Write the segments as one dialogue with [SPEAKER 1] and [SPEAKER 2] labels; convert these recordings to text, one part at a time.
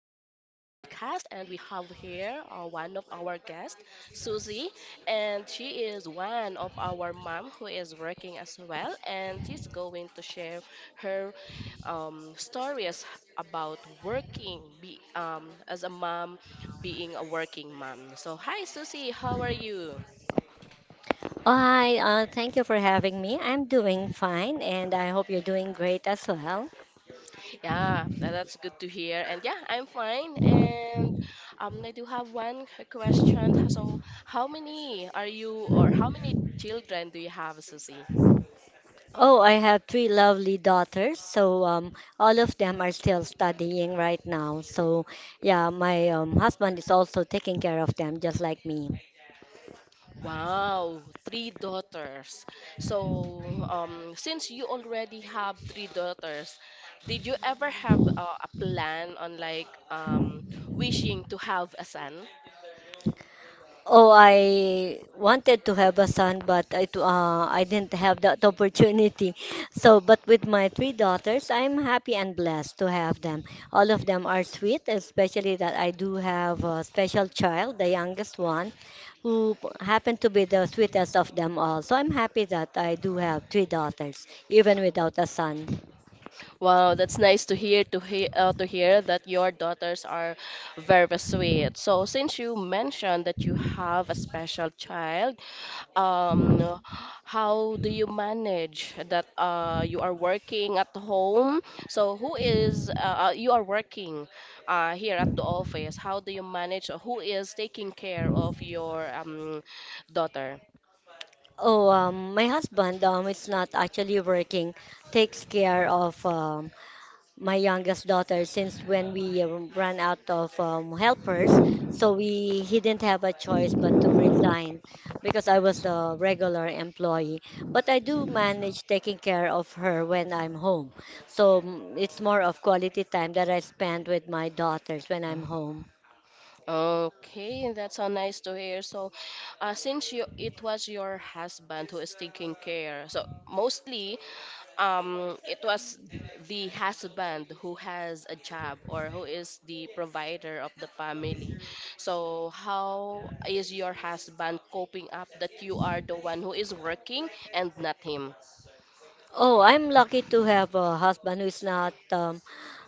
[SPEAKER 1] podcast. And we have here one of our guests, Susie. And she is one of our mom who is working as well. And she's going to share her stories about as a mom, being a working mom. So, hi, Susie, how are you?
[SPEAKER 2] Oh, hi, thank you for having me. I'm doing fine and I hope you're doing great as well.
[SPEAKER 1] Yeah, that's good to hear. And yeah, I'm fine. And I do have one question. So, how many are you, or how many children do you have, Susie?
[SPEAKER 2] Oh, I have three lovely daughters, so all of them are still studying right now. So, yeah, my husband is also taking care of them just like me.
[SPEAKER 1] Wow, three daughters. So, since you already have three daughters, did you ever have a plan on like wishing to have a son?
[SPEAKER 2] Oh, I wanted to have a son, but I didn't have that opportunity. So, but with my three daughters, I'm happy and blessed to have them. All of them are sweet, especially that I do have a special child, the youngest one, who happened to be the sweetest of them all. So I'm happy that I do have three daughters, even without a son.
[SPEAKER 1] Wow, that's nice to hear that your daughters are very sweet. So since you mentioned that you have a special child, um, how do you manage that you are working at home? So who is you are working here at the office? How do you manage? Who is taking care of your daughter?
[SPEAKER 2] Oh, my husband is not actually working, takes care of my youngest daughter since when we ran out of helpers, so we he didn't have a choice but to resign because I was a regular employee. But I do manage taking care of her when I'm home. So it's more of quality time that I spend with my daughters when I'm home.
[SPEAKER 1] Okay, that's so nice to hear. So, since you it was your husband who is taking care, so mostly it was the husband who has a job or who is the provider of the family. So, how is your husband coping up that you are the one who is working and not him?
[SPEAKER 2] Oh, I'm lucky to have a husband who is not um,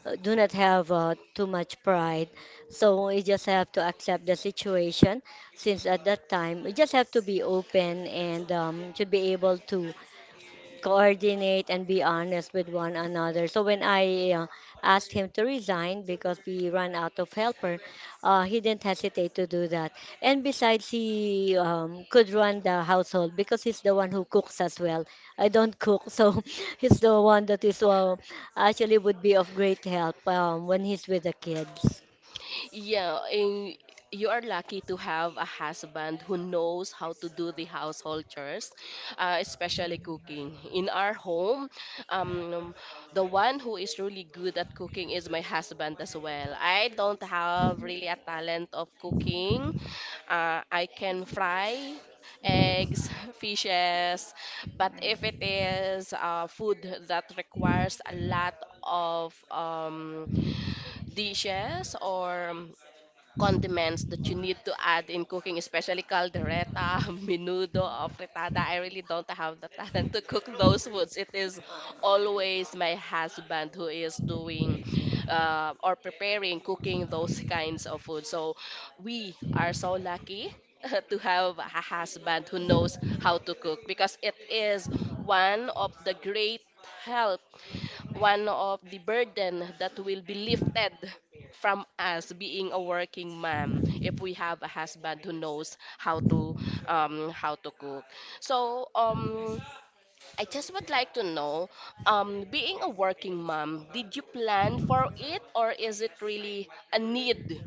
[SPEAKER 2] uh, do not have too much pride. So we just have to accept the situation, since at that time we just have to be open and should be able to coordinate and be honest with one another. So when I asked him to resign because we ran out of helper, he didn't hesitate to do that. And besides, he could run the household because he's the one who cooks as well. I don't cook, so he's the one that is actually would be of great help when he's with the kids.
[SPEAKER 1] Yeah, and you are lucky to have a husband who knows how to do the household chores, especially cooking. In our home, um, the one who is really good at cooking is my husband as well. I don't have really a talent of cooking. I can fry eggs, fishes, but if it is food that requires a lot of dishes or condiments that you need to add in cooking, especially caldereta, menudo, or fritada. I really don't have the talent to cook those foods. It is always my husband who is doing or preparing, cooking those kinds of food. So we are so lucky to have a husband who knows how to cook, because it is one of the great help, one of the burden that will be lifted from us being a working mom if we have a husband who knows how to cook. So I just would like to know, being a working mom, did you plan for it, or is it really a need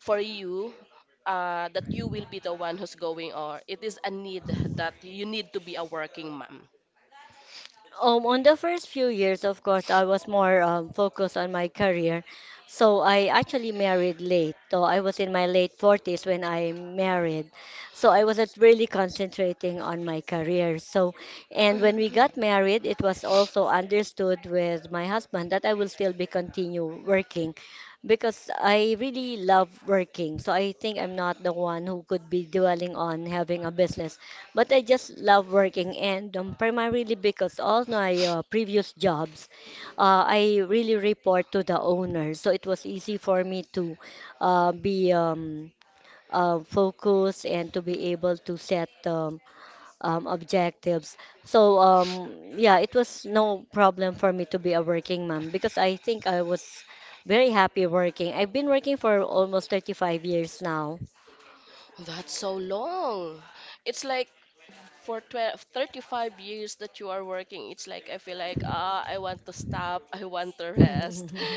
[SPEAKER 1] for you, that you will be the one who's going, or it is a need that you need to be a working mom?
[SPEAKER 2] On the first few years, of course, I was more focused on my career. So I actually married late. So I was in my late 40s when I married. So I wasn't really concentrating on my career. So, and when we got married, it was also understood with my husband that I will still be continue working because I really love working. So I think I'm not the one who could be dwelling on having a business, but I just love working, and primarily because all my previous jobs, I really report to the owner. So it was easy for me to be focused and to be able to set objectives. So yeah, it was no problem for me to be a working mom because I think I was very happy working. I've been working for almost 35 years now.
[SPEAKER 1] That's so long. It's like for 12, 35 years that you are working, it's like I feel like ah, I want to stop, I want to rest.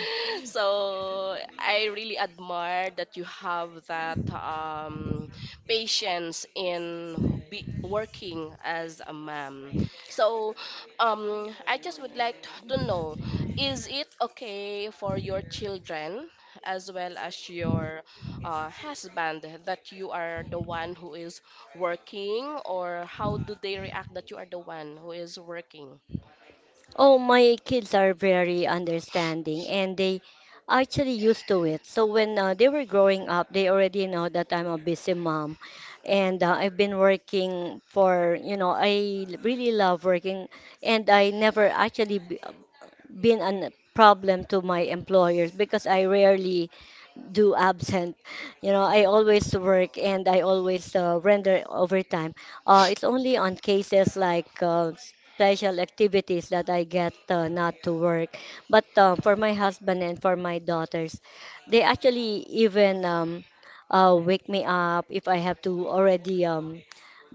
[SPEAKER 1] So I really admire that you have that patience in be working as a mom. So I just would like to know, is it okay for your children as well as your husband that you are the one who is working or how do they react that you are the one who is working?
[SPEAKER 2] Oh, my kids are very understanding and they actually used to it. So when they were growing up, they already know that I'm a busy mom, and I've been working for, you know, really love working, and I never actually been a problem to my employers because I rarely do absent. You know, I always work and I always render overtime. It's only on cases like special activities that I get not to work. But for my husband and for my daughters, they actually even wake me up if I have to already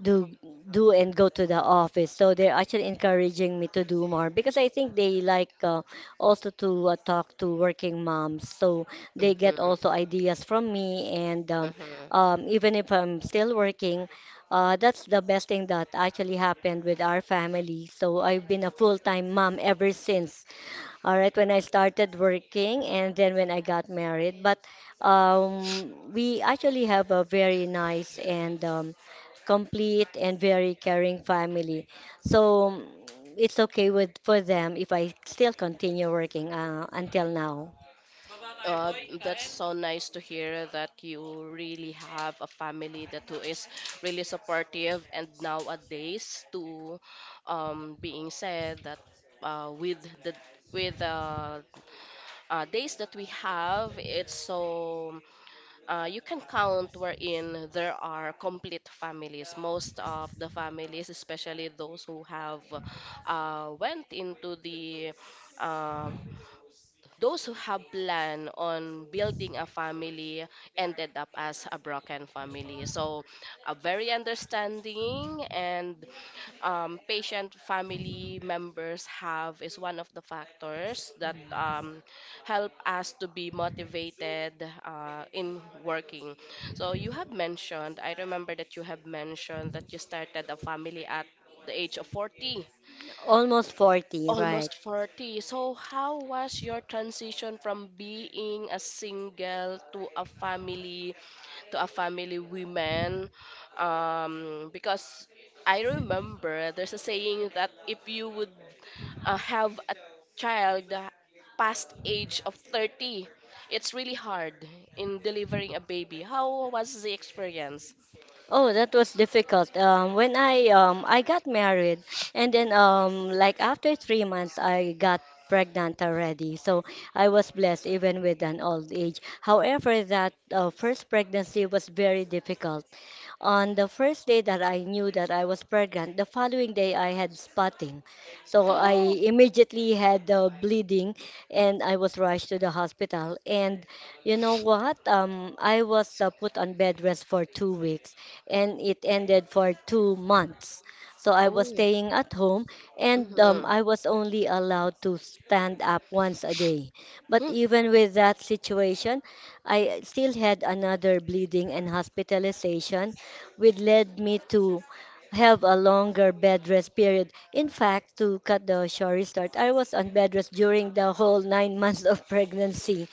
[SPEAKER 2] do and go to the office. So they're actually encouraging me to do more because I think they like also to talk to working moms. So they get
[SPEAKER 1] Mm-hmm.
[SPEAKER 2] also ideas from me, and
[SPEAKER 1] Mm-hmm.
[SPEAKER 2] even if I'm still working, that's the best thing that actually happened with our family. So I've been a full-time mom ever since, all right, when I started working and then when I got married, but we actually have a very nice and complete and very caring family. So it's okay with for them if I still continue working until now.
[SPEAKER 1] Uh, that's so nice to hear that you really have a family that who is really supportive, and nowadays, to being said that with the days that we have, it's so you can count wherein there are complete families. Most of the families, especially those who have went into the uh, those who have planned on building a family ended up as a broken family. So a very understanding and patient family members have is one of the factors that help us to be motivated in working. So you have mentioned, I remember that you have mentioned that you started a family at the age of 40
[SPEAKER 2] Almost 40, right?
[SPEAKER 1] almost 40. So, how was your transition from being a single to a family woman? Because I remember there's a saying that if you would have a child past age of 30, it's really hard in delivering a baby. How was the experience?
[SPEAKER 2] Oh, that was difficult. When I got married, and then like after 3 months I got pregnant already. So I was blessed even with an old age. However, that first pregnancy was very difficult. On the first day that I knew that I was pregnant, the following day I had spotting. So I
[SPEAKER 1] Oh,
[SPEAKER 2] immediately had the bleeding, and I was rushed to the hospital. And you know what? I was put on bed rest for 2 weeks, and it ended for 2 months. So I was
[SPEAKER 1] oh,
[SPEAKER 2] staying at home, and
[SPEAKER 1] mm-hmm.
[SPEAKER 2] I was only allowed to stand up once a day. But even with that situation, I still had another bleeding and hospitalization, which led me to have a longer bed rest period. In fact, to cut the story short, I was on bed rest during the whole 9 months of pregnancy.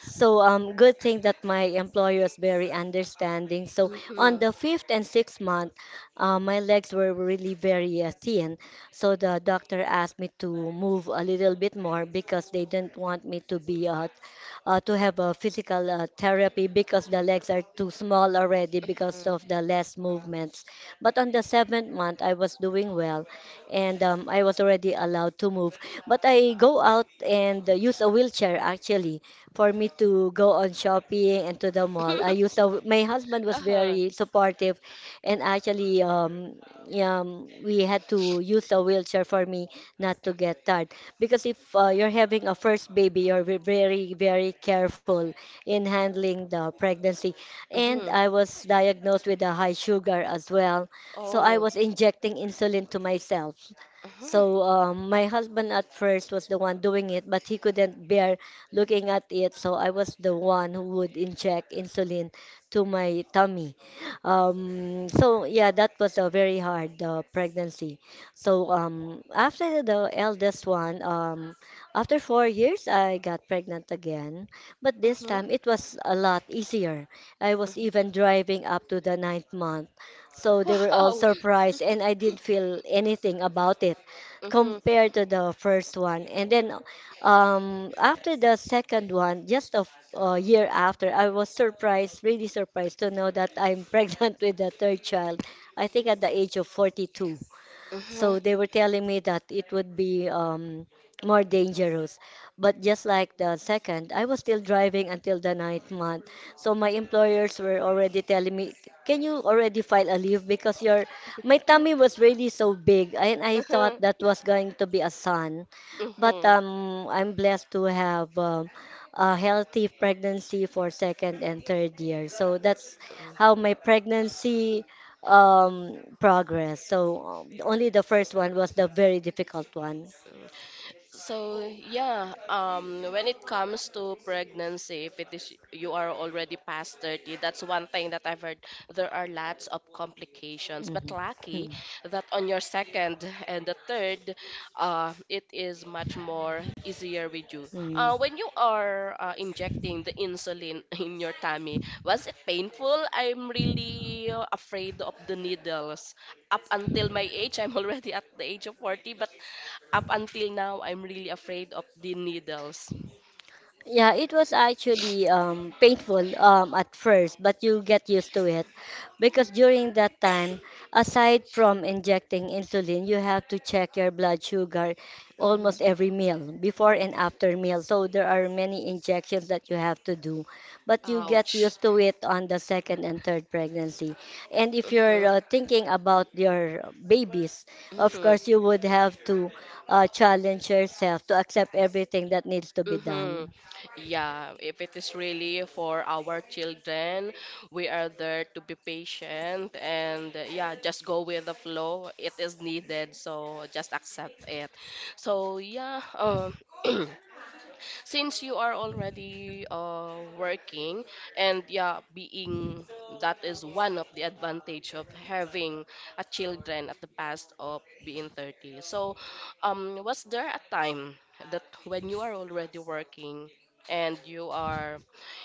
[SPEAKER 2] So good thing that my employer is very understanding. So on
[SPEAKER 1] Mm-hmm.
[SPEAKER 2] the fifth and sixth month, my legs were really very thin. So the doctor asked me to move a little bit more because they didn't want me to be to have a physical therapy because the legs are too small already because of the less movements. But on the seventh month, I was doing well, and I was already allowed to move. But I go out and use a wheelchair actually for me to go on shopping and to the mall. I used to, my husband was
[SPEAKER 1] Uh-huh.
[SPEAKER 2] very supportive, and actually yeah, we had to use a wheelchair for me not to get tired, because if you're having a first baby, you're very very careful in handling the pregnancy. And
[SPEAKER 1] Mm-hmm.
[SPEAKER 2] I was diagnosed with a high sugar as well, so I
[SPEAKER 1] Oh.
[SPEAKER 2] was injecting insulin to myself.
[SPEAKER 1] Mm-hmm.
[SPEAKER 2] So my husband at first was the one doing it, but he couldn't bear looking at it. So I was the one who would inject insulin to my tummy. So yeah, that was a very hard pregnancy. So after the eldest one, after 4 years, I got pregnant again. But this time it was a lot easier. I was
[SPEAKER 1] Mm-hmm.
[SPEAKER 2] even driving up to the ninth month. So they were all
[SPEAKER 1] Wow.
[SPEAKER 2] surprised, and I didn't feel anything about it
[SPEAKER 1] Mm-hmm.
[SPEAKER 2] compared to the first one. And then after the second one, just a year after, I was surprised, really surprised to know that I'm pregnant with the third child. I think at the age of 42. So
[SPEAKER 1] Mm-hmm.
[SPEAKER 2] they were telling me that it would be more dangerous. But just like the second, I was still driving until the ninth month. So my employers were already telling me, can you already file a leave? Because your my tummy was really so big and I thought
[SPEAKER 1] Mm-hmm.
[SPEAKER 2] that was going to be a son. But
[SPEAKER 1] Mm-hmm.
[SPEAKER 2] I'm blessed to have a healthy pregnancy for second and third year. So that's how my pregnancy progress. So only the first one was the very difficult one.
[SPEAKER 1] So yeah, when it comes to pregnancy, if it is you are already past 30, that's one thing that I've heard. There are lots of complications, but
[SPEAKER 2] Mm-hmm.
[SPEAKER 1] lucky that on your second and the third, it is much more easier with you.
[SPEAKER 2] Mm-hmm.
[SPEAKER 1] When you are injecting the insulin in your tummy, was it painful? I'm really afraid of the needles. Up until my age, I'm already at the age of 40, but up until now, I'm really afraid of the needles.
[SPEAKER 2] Yeah, it was actually painful at first, but you get used to it because during that time, aside from injecting insulin, you have to check your blood sugar
[SPEAKER 1] Mhm.
[SPEAKER 2] almost every meal, before and after meal. So there are many injections that you have to do, but you get
[SPEAKER 1] Ouch.
[SPEAKER 2] used to it on the second and third pregnancy. And if you're
[SPEAKER 1] Mm-hmm.
[SPEAKER 2] thinking about your babies, of course,
[SPEAKER 1] Mm-hmm.
[SPEAKER 2] you would have to challenge yourself to accept everything that needs to be
[SPEAKER 1] Mm-hmm.
[SPEAKER 2] done.
[SPEAKER 1] Yeah, if it is really for our children, we are there to be patient and yeah, just go with the flow. It is needed, so just accept it. So yeah, since you are already working, and yeah, being that is one of the advantage of having a children at the past of being 30, so was there a time that when you are already working and you are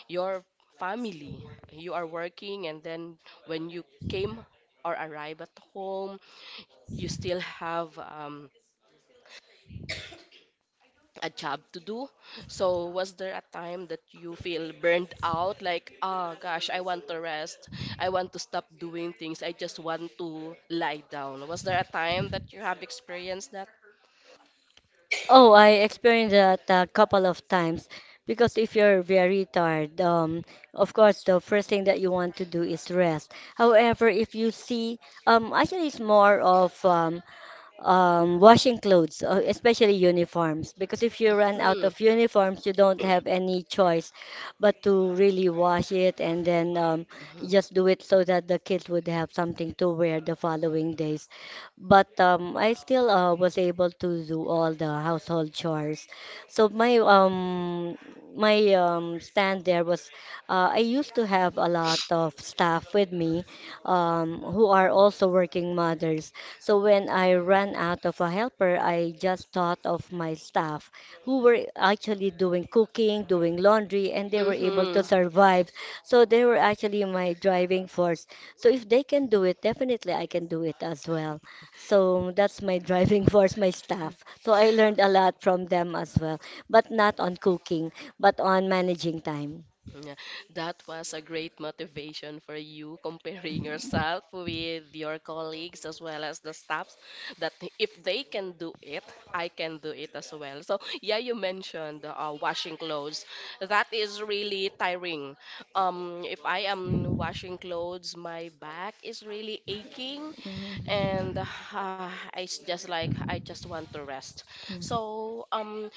[SPEAKER 1] your family, you are working, and then when you came or arrive at home, you still have a job to do. So was there a time that you feel burned out? Like, oh gosh, I want to rest. I want to stop doing things. I just want to lie down. Was there a time that you have experienced that?
[SPEAKER 2] Oh, I experienced that a couple of times because if you're very tired, of course, the first thing that you want to do is rest. However, if you see, actually, it's more of washing clothes, especially uniforms, because if you run out
[SPEAKER 1] Hmm.
[SPEAKER 2] of uniforms, you don't have any choice but to really wash it and then
[SPEAKER 1] Mm-hmm.
[SPEAKER 2] just do it so that the kids would have something to wear the following days. But I still was able to do all the household chores. So my stand there was I used to have a lot of staff with me who are also working mothers. So when I ran out of a helper, I just thought of my staff who were actually doing cooking, doing laundry, and they were able to
[SPEAKER 1] Mm-hmm.
[SPEAKER 2] survive. So they were actually my driving force. So if they can do it, definitely I can do it as well. So that's my driving force, my staff. So I learned a lot from them as well, but not on cooking, but on managing time.
[SPEAKER 1] Yeah, that was a great motivation for you comparing yourself with your colleagues as well as the staffs that if they can do it, I can do it as well. So, yeah, you mentioned washing clothes. That is really tiring. If I am washing clothes, my back is really aching
[SPEAKER 2] Mhm.
[SPEAKER 1] and just like I just want to rest. So,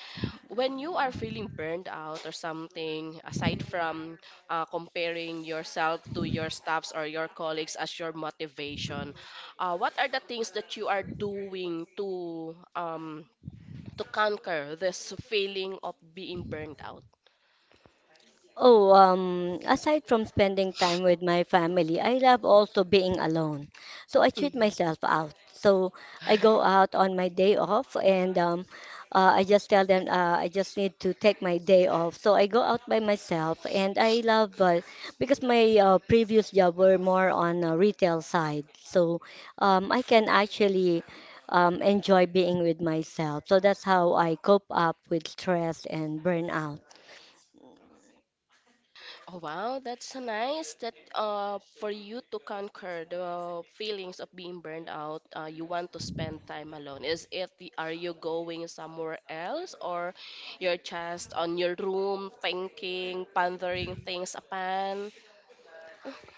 [SPEAKER 1] when you are feeling burned out or something, aside from comparing yourself to your staffs or your colleagues as your motivation, what are the things that you are doing to conquer this feeling of being burned out?
[SPEAKER 2] Oh, aside from spending time with my family, I love also being alone. So I treat
[SPEAKER 1] Mhm.
[SPEAKER 2] myself out. So I go out on my day off and I just tell them I just need to take my day off. So I go out by myself and I love, because my previous job were more on retail side. So I can actually enjoy being with myself. So that's how I cope up with stress and burnout.
[SPEAKER 1] Oh wow, that's so nice that for you to conquer the feelings of being burned out, you want to spend time alone. Are you going somewhere else or you're just on your room thinking, pondering things upon?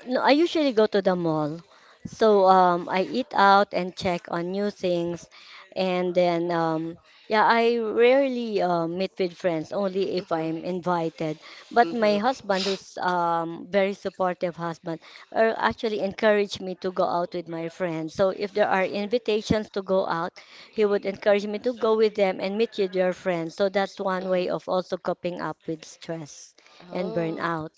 [SPEAKER 2] No, I usually go to the mall. So I eat out and check on new things. And then, yeah, I rarely meet with friends, only if
[SPEAKER 1] Mm-hmm,
[SPEAKER 2] I'm invited. But my
[SPEAKER 1] mm-hmm,
[SPEAKER 2] husband, who's very supportive husband, actually encouraged me to go out with my friends. So if there are invitations to go out, he would encourage me to go with them and meet with your friends. So that's one way
[SPEAKER 1] mm-hmm.
[SPEAKER 2] of also coping up with stress and
[SPEAKER 1] Oh.
[SPEAKER 2] burnout.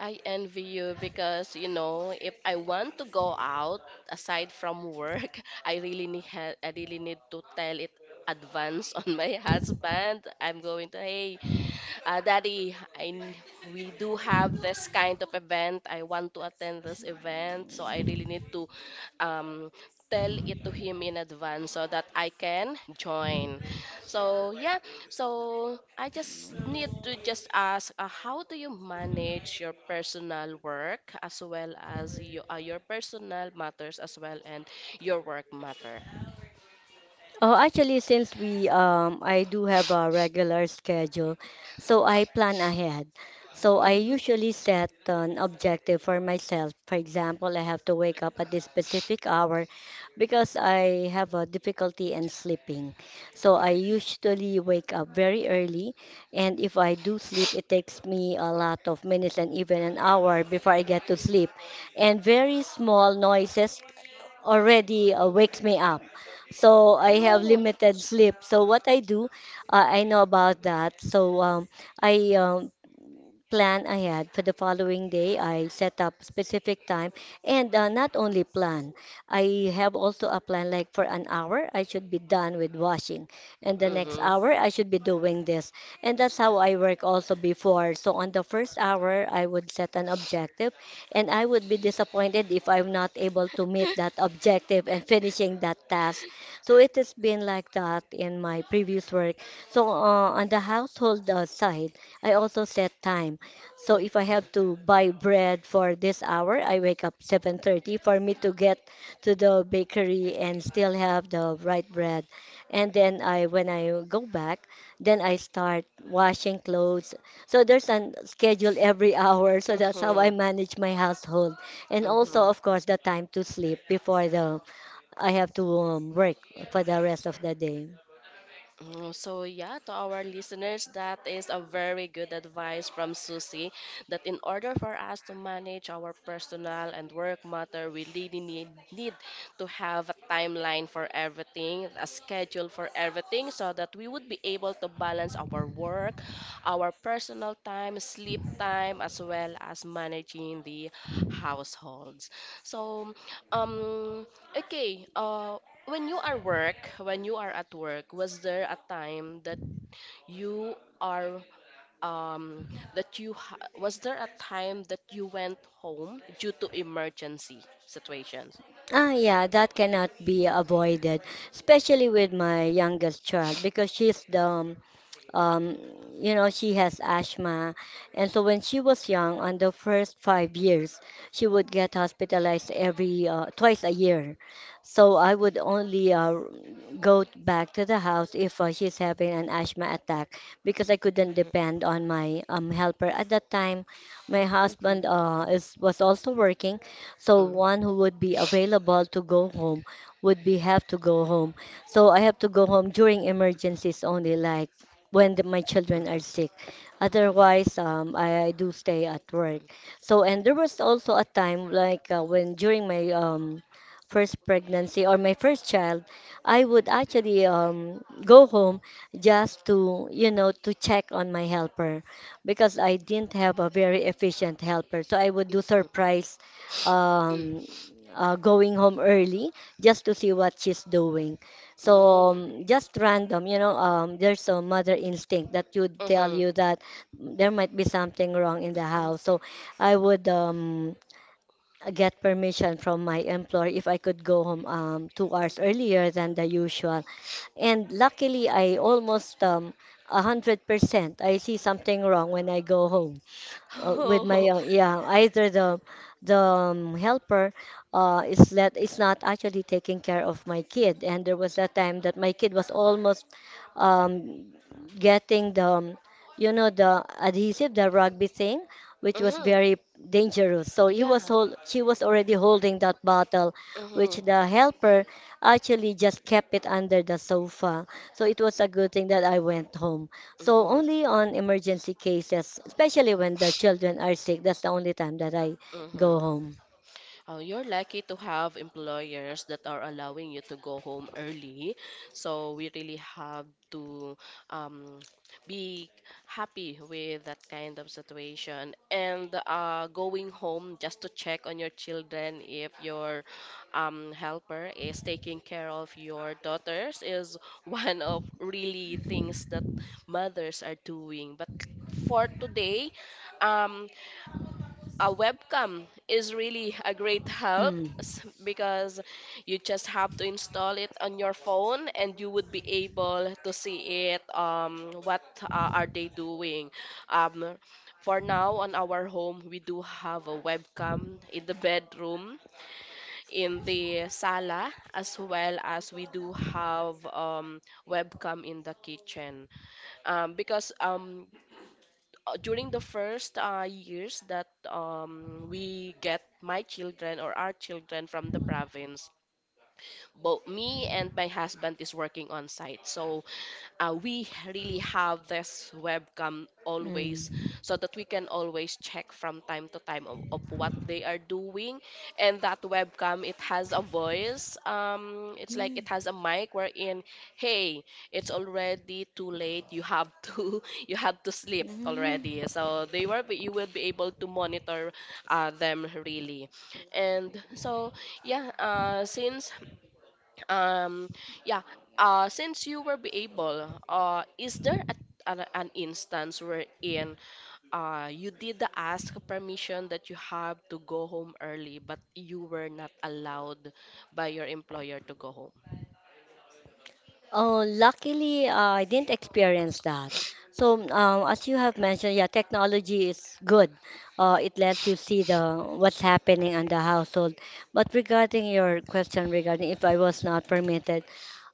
[SPEAKER 1] I envy you because you know if I want to go out aside from work, I really need to tell it advance on my husband. I'm going to, hey Daddy, we do have this kind of event. I want to attend this event, so I really need to um, tell it to him in advance so that I can join. So yeah, so I just need to just ask, how do you manage your personal work as well as your personal matters as well and your work matter?
[SPEAKER 2] Oh, actually, since we I do have a regular schedule, so I plan ahead. So I
[SPEAKER 1] Mm-hmm.
[SPEAKER 2] usually set an objective for myself. For example, I have to wake up at this specific hour because I have a difficulty in sleeping. So I usually wake up very early, and if I do sleep, it takes me a lot of minutes and even an hour before I get to sleep. And very small noises already wakes me up. So I have
[SPEAKER 1] Oh.
[SPEAKER 2] limited sleep. So what I do, I know about that. So I plan ahead for the following day. I set up specific time and not only plan. I have also a plan like for an hour I should be done with washing and the next
[SPEAKER 1] Mm-hmm.
[SPEAKER 2] hour I should be doing this. And that's how I work also before. So on the first hour I would set an objective and I would be disappointed if I'm not able to meet that objective and finishing that task. So it has been like that in my previous work. So on the household side, I also set time. So if I have to buy bread for this hour, I wake up 7:30 for me to get to the bakery and still have the right bread. And then I when I go back, then I start washing clothes. So there's a schedule every hour. So that's how I manage my household. And also
[SPEAKER 1] Mm-hmm.
[SPEAKER 2] of course the time to sleep before the I have to work for the rest of the day.
[SPEAKER 1] Mm, so, yeah, to our listeners, that is a very good advice from Susie that in order for us to manage our personal and work matter, we really need to have a timeline for everything, a schedule for everything, so that we would be able to balance our work, our personal time, sleep time, as well as managing the households. So, um, okay, when you are at work, was there a time you are um that you ha was there a time that you went home due to emergency situations?
[SPEAKER 2] Ah, yeah, that cannot be avoided, especially with my youngest child because she's the um, you know, she has asthma. And so when she was young, on the first 5 years, she would get hospitalized every twice a year. So I would only go back to the house if she's having an asthma attack because I couldn't
[SPEAKER 1] Mm-hmm.
[SPEAKER 2] depend on my helper at that time. My husband
[SPEAKER 1] Mm-hmm.
[SPEAKER 2] is was also working, so one who would be available to go home would be have to go home. So I have to go home during emergencies only, like when my children are
[SPEAKER 1] Mm-hmm.
[SPEAKER 2] sick. Otherwise, I do stay at work. So, and there was also a time like when during my first pregnancy or my first child, I would actually go home just to, you know, to check on my helper because I didn't have a very efficient helper. So I would do
[SPEAKER 1] Mm-hmm.
[SPEAKER 2] surprise um, going home early just to see what she's doing. So just random, you know, there's a mother instinct that would tell
[SPEAKER 1] Mm-hmm.
[SPEAKER 2] you that there might be something wrong in the house. So I would get permission from my employer if I could go home 2 hours earlier than the usual. And luckily, I almost 100% I see something wrong when I go home with my
[SPEAKER 1] Oh,
[SPEAKER 2] yeah either the helper is not actually taking care of my kid and there was that time that my kid was almost um, getting the you know the adhesive the rugby thing which was
[SPEAKER 1] mm-hmm.
[SPEAKER 2] very dangerous so
[SPEAKER 1] Yeah.
[SPEAKER 2] she was already holding that bottle which
[SPEAKER 1] Mm-hmm.
[SPEAKER 2] the helper actually just kept it under the sofa so it was a good thing that I went home so only on emergency cases, especially when the children are sick, that's the only time that I
[SPEAKER 1] Mm-hmm.
[SPEAKER 2] go home.
[SPEAKER 1] Oh, you're lucky to have employers that are allowing you to go home early. So we really have to um, be happy with that kind of situation. And going home just to check on your children if your helper is taking care of your daughters is one of really things that mothers are doing. But for today, um a webcam is really a great help,
[SPEAKER 2] Mm,
[SPEAKER 1] because you just have to install it on your phone and you would be able to see it, what are they doing. um for now, on our home, we do have a webcam in the bedroom, in the sala, as well as we do have webcam in the kitchen, because during the first years that we get my children or our children from the province, both me and my husband is working on site. So we really have this webcam always
[SPEAKER 2] mm,
[SPEAKER 1] so that we can always check from time to time of what they are doing. And that webcam, it has a voice, it's like
[SPEAKER 2] mm,
[SPEAKER 1] it has a mic wherein, hey, it's already too late, you have to you have to sleep already.
[SPEAKER 2] mm.
[SPEAKER 1] So they were you will be able to monitor them really. And so yeah since um, yeah. Since you were be able, is there an instance wherein you did the ask permission that you have to go home early, but you were not allowed by your employer to go home?
[SPEAKER 2] Oh, luckily, I didn't experience that. So, as you have mentioned, yeah, technology is good. It lets you see the what's happening in the household. But regarding your question regarding if I was not permitted,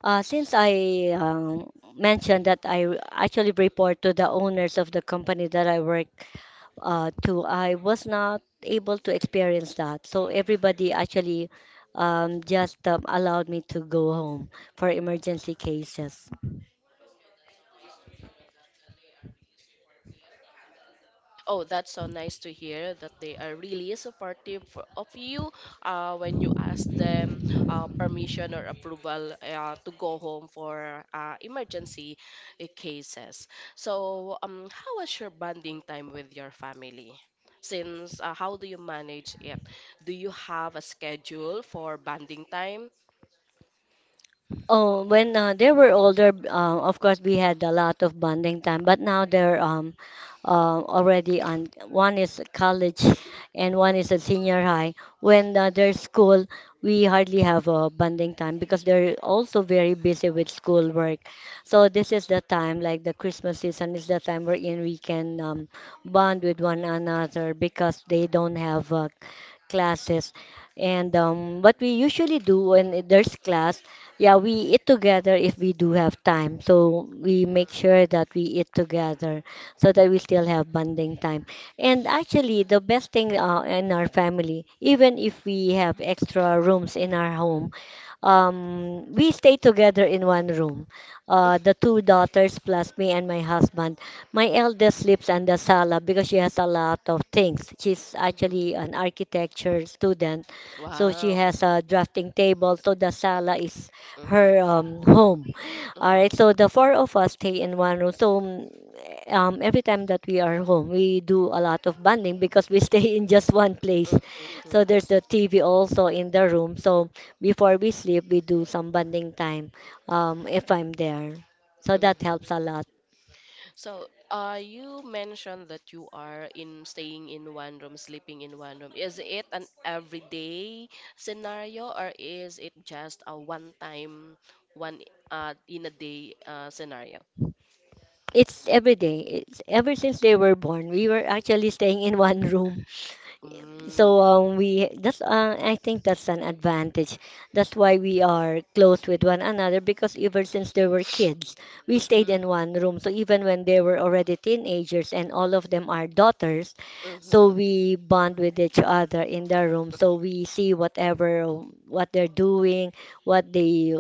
[SPEAKER 2] since I mentioned that I actually report to the owners of the company that I work too. I was not able to experience that. So everybody actually just allowed me to go home for emergency cases.
[SPEAKER 1] Oh, that's so nice to hear that they are really supportive of you when you ask them permission or approval to go home for emergency cases. So, how was your bonding time with your family? Since How do you manage it? Do you have a schedule for bonding time?
[SPEAKER 2] Oh, when they were older, of course we had a lot of bonding time. But now they're already on. One is college, and one is a senior high. When they're school, we hardly have a bonding time because they're also very busy with school work. So this is the time, like the Christmas season, is the time wherein we can bond with one another because they don't have classes. And what we usually do when there's class, yeah, we eat together if we do have time. So we
[SPEAKER 1] Hmm.
[SPEAKER 2] make sure that we eat together so that we still have bonding time. And actually, the best thing in our family, even if we have extra rooms in our home, we stay together in one room. The two daughters plus me and my husband. My eldest sleeps in the sala because she has a lot of things. She's
[SPEAKER 1] Mhm.
[SPEAKER 2] actually an architecture student, so she
[SPEAKER 1] Wow.
[SPEAKER 2] has a drafting table. So the sala is her
[SPEAKER 1] Mm-hmm.
[SPEAKER 2] home. All right. So
[SPEAKER 1] Mm-hmm.
[SPEAKER 2] the four of us stay in one room. So every time that we are home, we do a lot of bonding because we stay in just one place.
[SPEAKER 1] Mm-hmm.
[SPEAKER 2] So there's the TV also in the room. So before we sleep, we do some bonding time if I'm there. So that
[SPEAKER 1] Mm-hmm.
[SPEAKER 2] helps a lot.
[SPEAKER 1] So, you mentioned that you are in staying in one room, sleeping in one room. Is it an everyday scenario, or is it just a one time, one in a day scenario?
[SPEAKER 2] It's every day. It's ever since they were born. We were actually staying in one room.
[SPEAKER 1] Mm.
[SPEAKER 2] So we that's I think that's an advantage. That's why we are close with one another because ever since they were kids, we stayed
[SPEAKER 1] Mm-hmm.
[SPEAKER 2] in one room. So even when they were already teenagers and all of them are daughters, so
[SPEAKER 1] Mm-hmm.
[SPEAKER 2] we bond with each other in the room. So we see whatever what they're doing, what they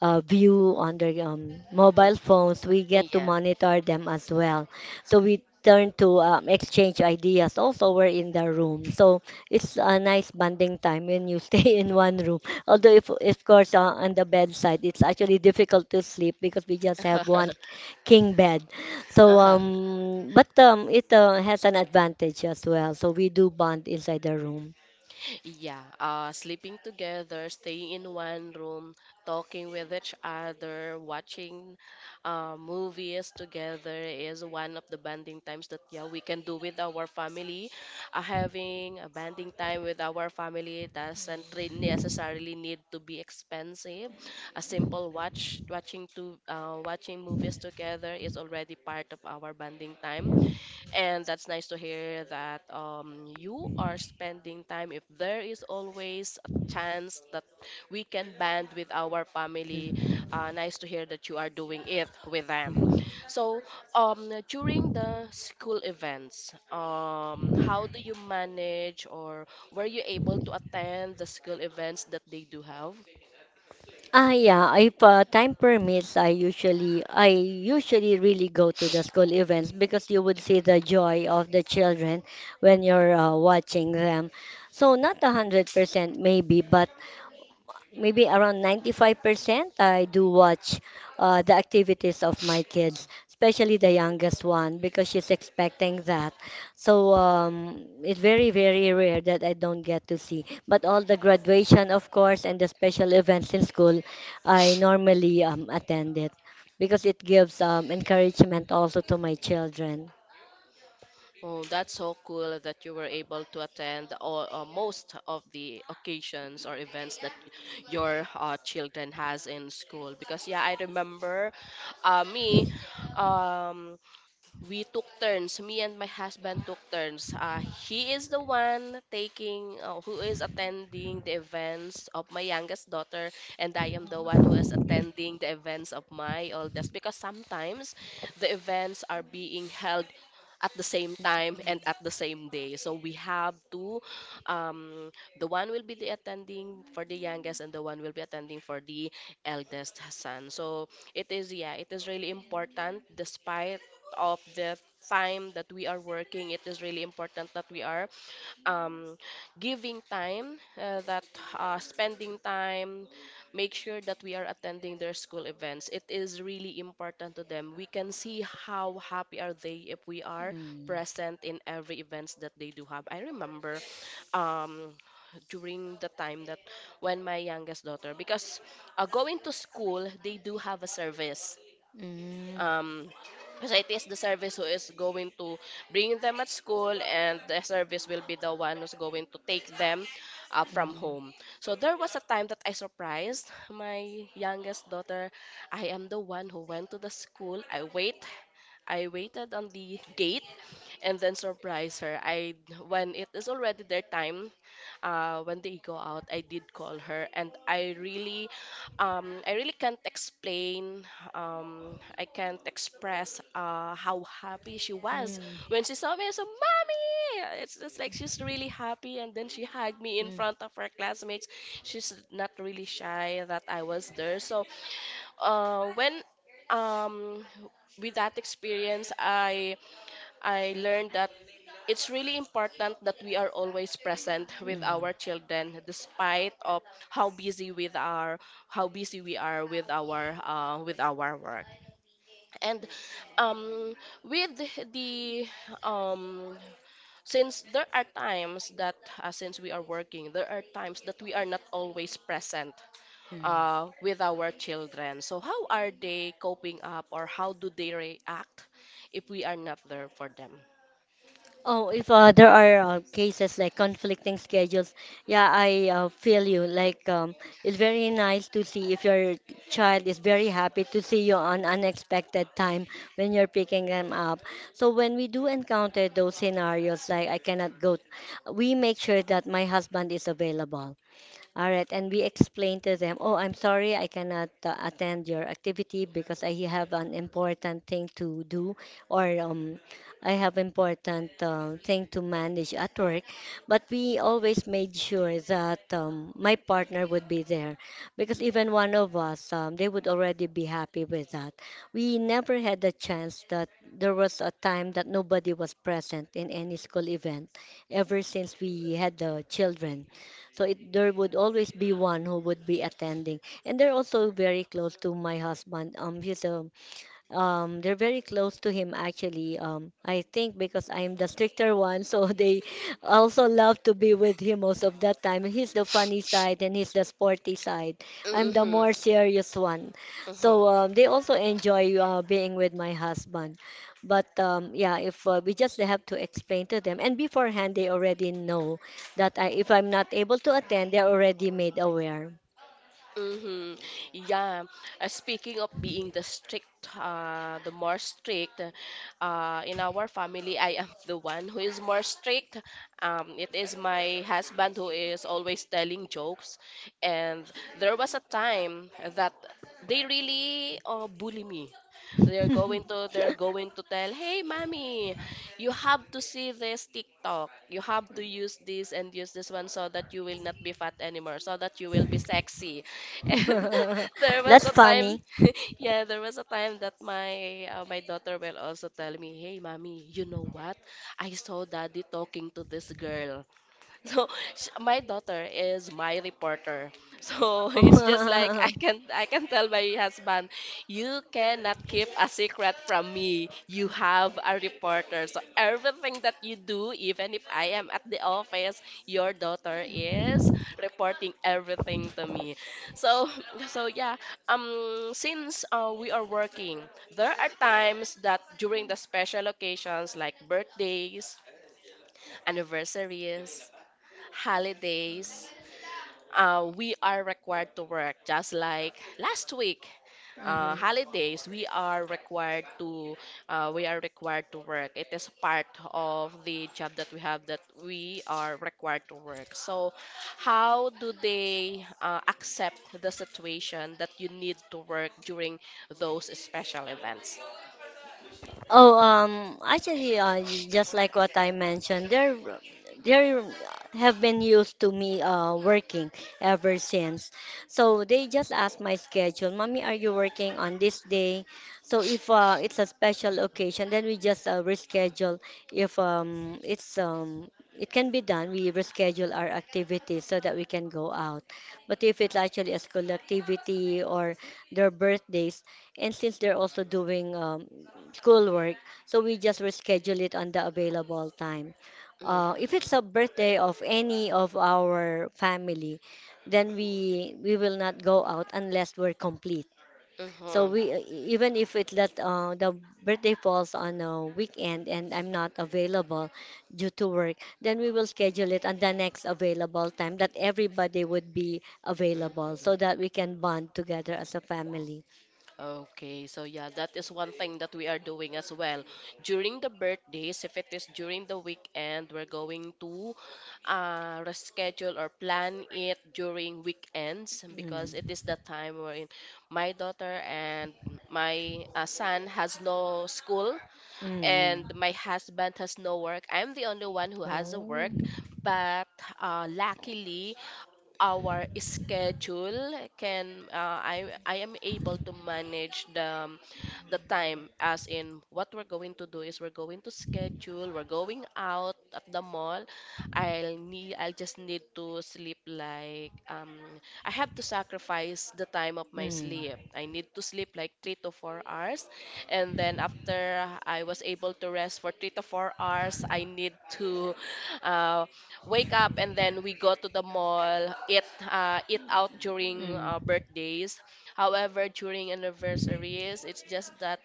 [SPEAKER 2] view on their mobile
[SPEAKER 1] Mm-hmm.
[SPEAKER 2] phones. We get to
[SPEAKER 1] Yeah.
[SPEAKER 2] monitor them as well. So we turn to exchange ideas also we're in the room. So it's a nice bonding time when you stay in one room. Although if of course on the bedside it's actually difficult to sleep because we just have one king bed. So
[SPEAKER 1] Uh-huh.
[SPEAKER 2] but it has an advantage as well. So we do bond inside the room.
[SPEAKER 1] Yeah, sleeping together, staying in one room, talking with each other, watching movies together is one of the bonding times that, yeah, we can do with our family. Having a bonding time with our family doesn't necessarily need to be expensive. A simple watching to watching movies together is already part of our bonding time, and that's nice to hear that, you are spending time. If there is always a chance that we can band with our family,
[SPEAKER 2] Hmm.
[SPEAKER 1] nice to hear that you are doing it with them. So, during the school events, how do you manage, or were you able to attend the school events that they do have?
[SPEAKER 2] Ah, yeah. If time permits, I usually really go to the school events because you would see the joy of the children when you're watching them. So not 100% maybe, but maybe around 95% I do watch the activities of my kids, especially the youngest one because she's expecting that. So it's very, very rare that I don't get to see. But all the graduation, of course, and the special events in school, I normally attend it because it gives encouragement also to my children.
[SPEAKER 1] Oh, that's so cool that you were able to attend all, most of the occasions or events that your children has in school. Because yeah, I remember me. Um, we took turns me and my husband took turns. He is the one taking who is attending the events of my youngest daughter, and I am the one who is attending the events of my oldest, because sometimes the events are being held at the same time and at the same day, so we have to, um, the one will be the attending for the youngest and the one will be attending for the eldest son. So it is, yeah, it is really important, despite of the time that we are working, it is really important that we are, um, giving time, that spending time, make sure that we are attending their school events. It is really important to them. We can see how happy are they if we are
[SPEAKER 2] Mm,
[SPEAKER 1] present in every events that they do have. I remember um, during the time that when my youngest daughter, because going to school, they do have a service,
[SPEAKER 2] mm,
[SPEAKER 1] um because it is the service who is going to bring them at school, and the service will be the one who's going to take them from
[SPEAKER 2] mm,
[SPEAKER 1] home. So there was a time that I surprised my youngest daughter. I am the one who went to the school. I waited on the gate and then surprised her. I When it is already their time, when they go out, I did call her, and I really, can't explain, I can't express how happy she was
[SPEAKER 2] mm,
[SPEAKER 1] when she saw me. So, mommy, it's just like she's really happy, and then she hugged me in
[SPEAKER 2] mm,
[SPEAKER 1] front of her classmates. She's not really shy that I was there. So, when um, with that experience, I learned that it's really important that we are always present with
[SPEAKER 2] mm,
[SPEAKER 1] our children, despite of how busy with our how busy we are with our work. And um with the um since there are times that, since we are working, there are times that we are not always present
[SPEAKER 2] mm.
[SPEAKER 1] with our children. So how are they coping up, or how do they react if we are not there for them?
[SPEAKER 2] Oh, if there are cases like conflicting schedules, yeah, I feel you. Like, it's very nice to see if your child is very happy to see you on unexpected time when you're picking them up. So when we do encounter those scenarios, like I cannot go, we make sure that my husband is available. All right, and we explain to them, oh, I'm sorry, I cannot attend your activity because I have an important thing to do, or I have important thing to manage at work. But we always made sure that my partner would be there, because even one of us, they would already be happy with that. We never had a chance that there was a time that nobody was present in any school event ever since we had the children. So it there would always be one who would be attending. And they're also very close to my husband. He's a they're very close to him actually. I think because I'm the stricter one, so they also love to be with him most of the time. He's the funny side and he's the sporty side. I'm the
[SPEAKER 1] Mm-hmm.
[SPEAKER 2] more serious one.
[SPEAKER 1] Mm-hmm.
[SPEAKER 2] They also enjoy being with my husband. But yeah, if we just have to explain to them, and beforehand they already know that if I'm not able to attend, they're already made aware.
[SPEAKER 1] Mm-hmm. Yeah. Speaking of being the more strict, in our family, I am the one who is more strict. It is my husband who is always telling jokes, and there was a time that they really bully me. They're going to tell, "Hey, mommy, you have to see this TikTok. You have to use this and use this one so that you will not be fat anymore, so that you will be sexy." And there was
[SPEAKER 2] That's
[SPEAKER 1] a time,
[SPEAKER 2] funny.
[SPEAKER 1] yeah, there was a time that my daughter will also tell me, "Hey, mommy, you know what? I saw daddy talking to this girl." So sh my daughter is my reporter. So it's just like I can I can tell my husband, you cannot keep a secret from me. You have a reporter. So everything that you do, even if I am at the office, your daughter is reporting everything to me. So so yeah, since we are working, there are times that during the special occasions like birthdays, anniversaries, holidays, we are required to work, just like last week. Uh,
[SPEAKER 2] Mhm.
[SPEAKER 1] holidays we are required to uh, we are required to work. It is part of the job that we have, that we are required to work. So how do they accept the situation that you need to work during those special events?
[SPEAKER 2] Oh, um, actually, uh, just like what I mentioned, there have been used to me working ever since. So they just ask my schedule. Mommy, are you working on this day? So if it's a special occasion, then we just reschedule. If it's it can be done, we reschedule our activities so that we can go out. But if it's actually a school activity or their birthdays, and since they're also doing schoolwork, so we just reschedule it on the available time. If
[SPEAKER 1] Hmm.
[SPEAKER 2] it's a birthday of any of our family, then we will not go out unless we're complete. So
[SPEAKER 1] Hmm.
[SPEAKER 2] we e, Even if it that the birthday falls on a weekend and I'm not available due to work, then we will schedule it on the next available time that everybody would be available so
[SPEAKER 1] Hmm.
[SPEAKER 2] that we can bond together as a family.
[SPEAKER 1] Okay, so yeah, that is one thing that we are doing as well. During the birthdays, if it is during the weekend, we're going to reschedule or plan it during weekends, because it
[SPEAKER 2] Mm.
[SPEAKER 1] is the time wherein my daughter and my son has no school,
[SPEAKER 2] 음.
[SPEAKER 1] and my husband has no work. I'm the only one who has a
[SPEAKER 2] 어.
[SPEAKER 1] work, but luckily our schedule can I am able to manage the, the time. As in what we're going to do is we're going to schedule we're going out at the mall. I'll just need to sleep like, I have to sacrifice the time of my
[SPEAKER 2] 음.
[SPEAKER 1] sleep. I need to sleep like 3 to 4 hours, and then after I was able to rest for 3 to 4 hours, I need to uh, wake up, and then we go to the mall, eat out during
[SPEAKER 2] 음.
[SPEAKER 1] birthdays. However, during anniversaries, it's just that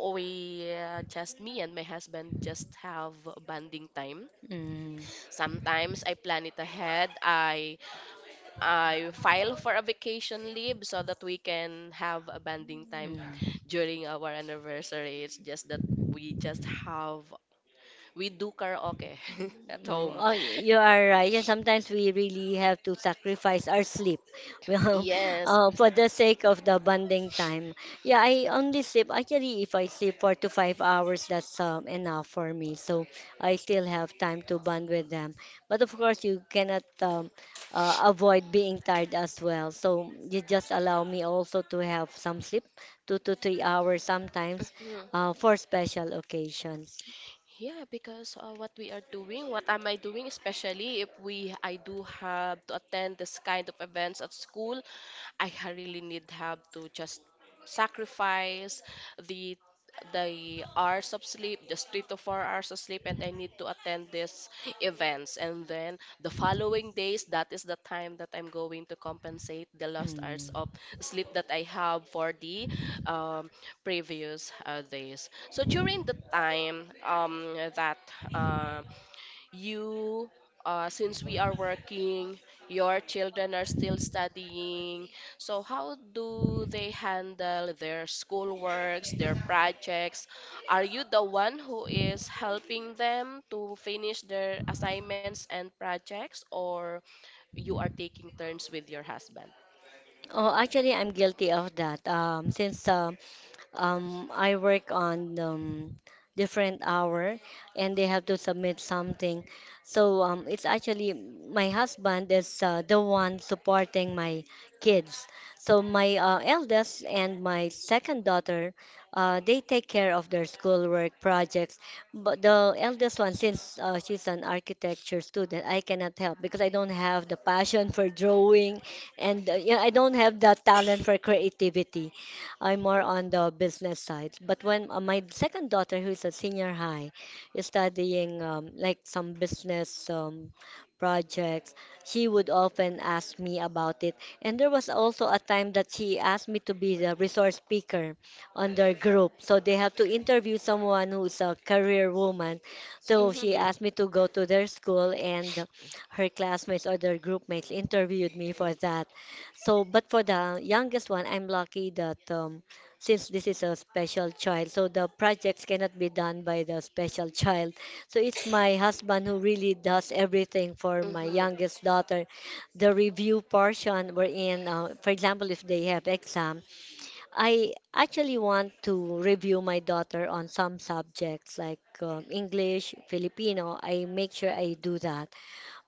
[SPEAKER 1] we just me and my husband just have bonding time.
[SPEAKER 2] 음.
[SPEAKER 1] Sometimes I plan it ahead. I file for a vacation leave so that we can have a bonding time
[SPEAKER 2] 음.
[SPEAKER 1] during our anniversary. It's just that we just have we do karaoke at
[SPEAKER 2] No,
[SPEAKER 1] home.
[SPEAKER 2] Oh, you are right. Yeah, sometimes we really have to sacrifice our sleep, well,
[SPEAKER 1] Yes.
[SPEAKER 2] for the sake of the bonding time. Yeah, I only sleep actually. If I sleep 4 to 5 hours, that's enough for me. So I still have time to bond with them. But of course, you cannot avoid being tired as well. So you just allow me also to have some sleep, 2 to 3 hours sometimes, for special occasions.
[SPEAKER 1] Yeah, because what we are doing, what am I doing, especially if we I do have to attend this kind of events at school, really need have to just sacrifice the the hours of sleep, just 3 to 4 hours of sleep, and I need to attend these events. And then the following days, that is the time that I'm going to compensate the lost hours of
[SPEAKER 2] Mm.
[SPEAKER 1] sleep that I have for the, um, previous days. So during the time, uh, you, since we are working, your children are still studying. So how do they handle their schoolworks, their projects? Are you the one who is helping them to finish their assignments and projects, or you are taking turns with your husband?
[SPEAKER 2] Oh, Actually, I'm guilty of that. Since I work on different hour and they have to submit something. So it's actually my husband is the one supporting my kids. So my eldest and my second daughter, they take care of their schoolwork projects. But the eldest one, since she's an architecture student, I cannot help because I don't have the passion for drawing and yeah, I don't have that talent for creativity. I'm more on the business side. But when my second daughter, who is a senior high, is studying like some business projects, she would often ask me about it. And there was also a time that she asked me to be the resource speaker on their group. So they have to interview someone who's a career woman. So she
[SPEAKER 1] Mm-hmm.
[SPEAKER 2] asked me to go to their school, and her classmates or their group mates interviewed me for that. So, but for the youngest one, I'm lucky that since this is a special child, so the projects cannot be done by the special child. So it's my husband who really does everything for my
[SPEAKER 1] Mm-hmm.
[SPEAKER 2] youngest daughter. The review portion we're in, for example, if they have exam, I actually want to review my daughter on some subjects like English, Filipino. I make sure I do that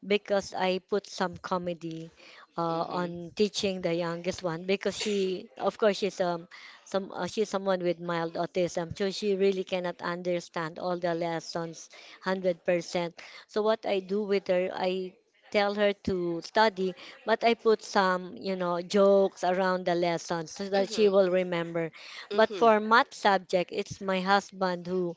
[SPEAKER 2] because I put some comedy
[SPEAKER 1] Mm-hmm.
[SPEAKER 2] on teaching the youngest one because she, of course, she's some she's someone with mild autism, so she really cannot understand all the lessons 100%. So what I do with her, I tell her to study, but I put some, you know, jokes around the lessons so that she will remember. But
[SPEAKER 1] Mm-hmm.
[SPEAKER 2] for math subject, it's my husband who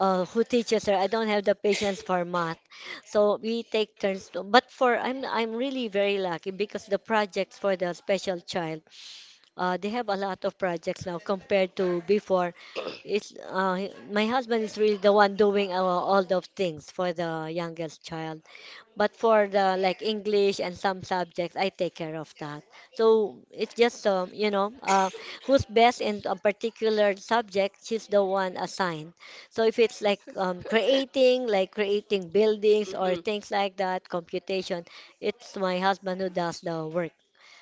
[SPEAKER 2] uh, who teaches her. I don't have the patience for math, so we take turns. To, but for I'm really very lucky because the projects for the special child, they have a lot of projects now compared to before. It's my husband is really the one doing all the things for the youngest child. But for the like English and some subjects, I take care of that. So it's just you know, who's best in a particular subject, she's the one assigned. So if it's like um,
[SPEAKER 1] Mm-hmm.
[SPEAKER 2] creating, like creating buildings or things like that, computation, it's my husband who does the work.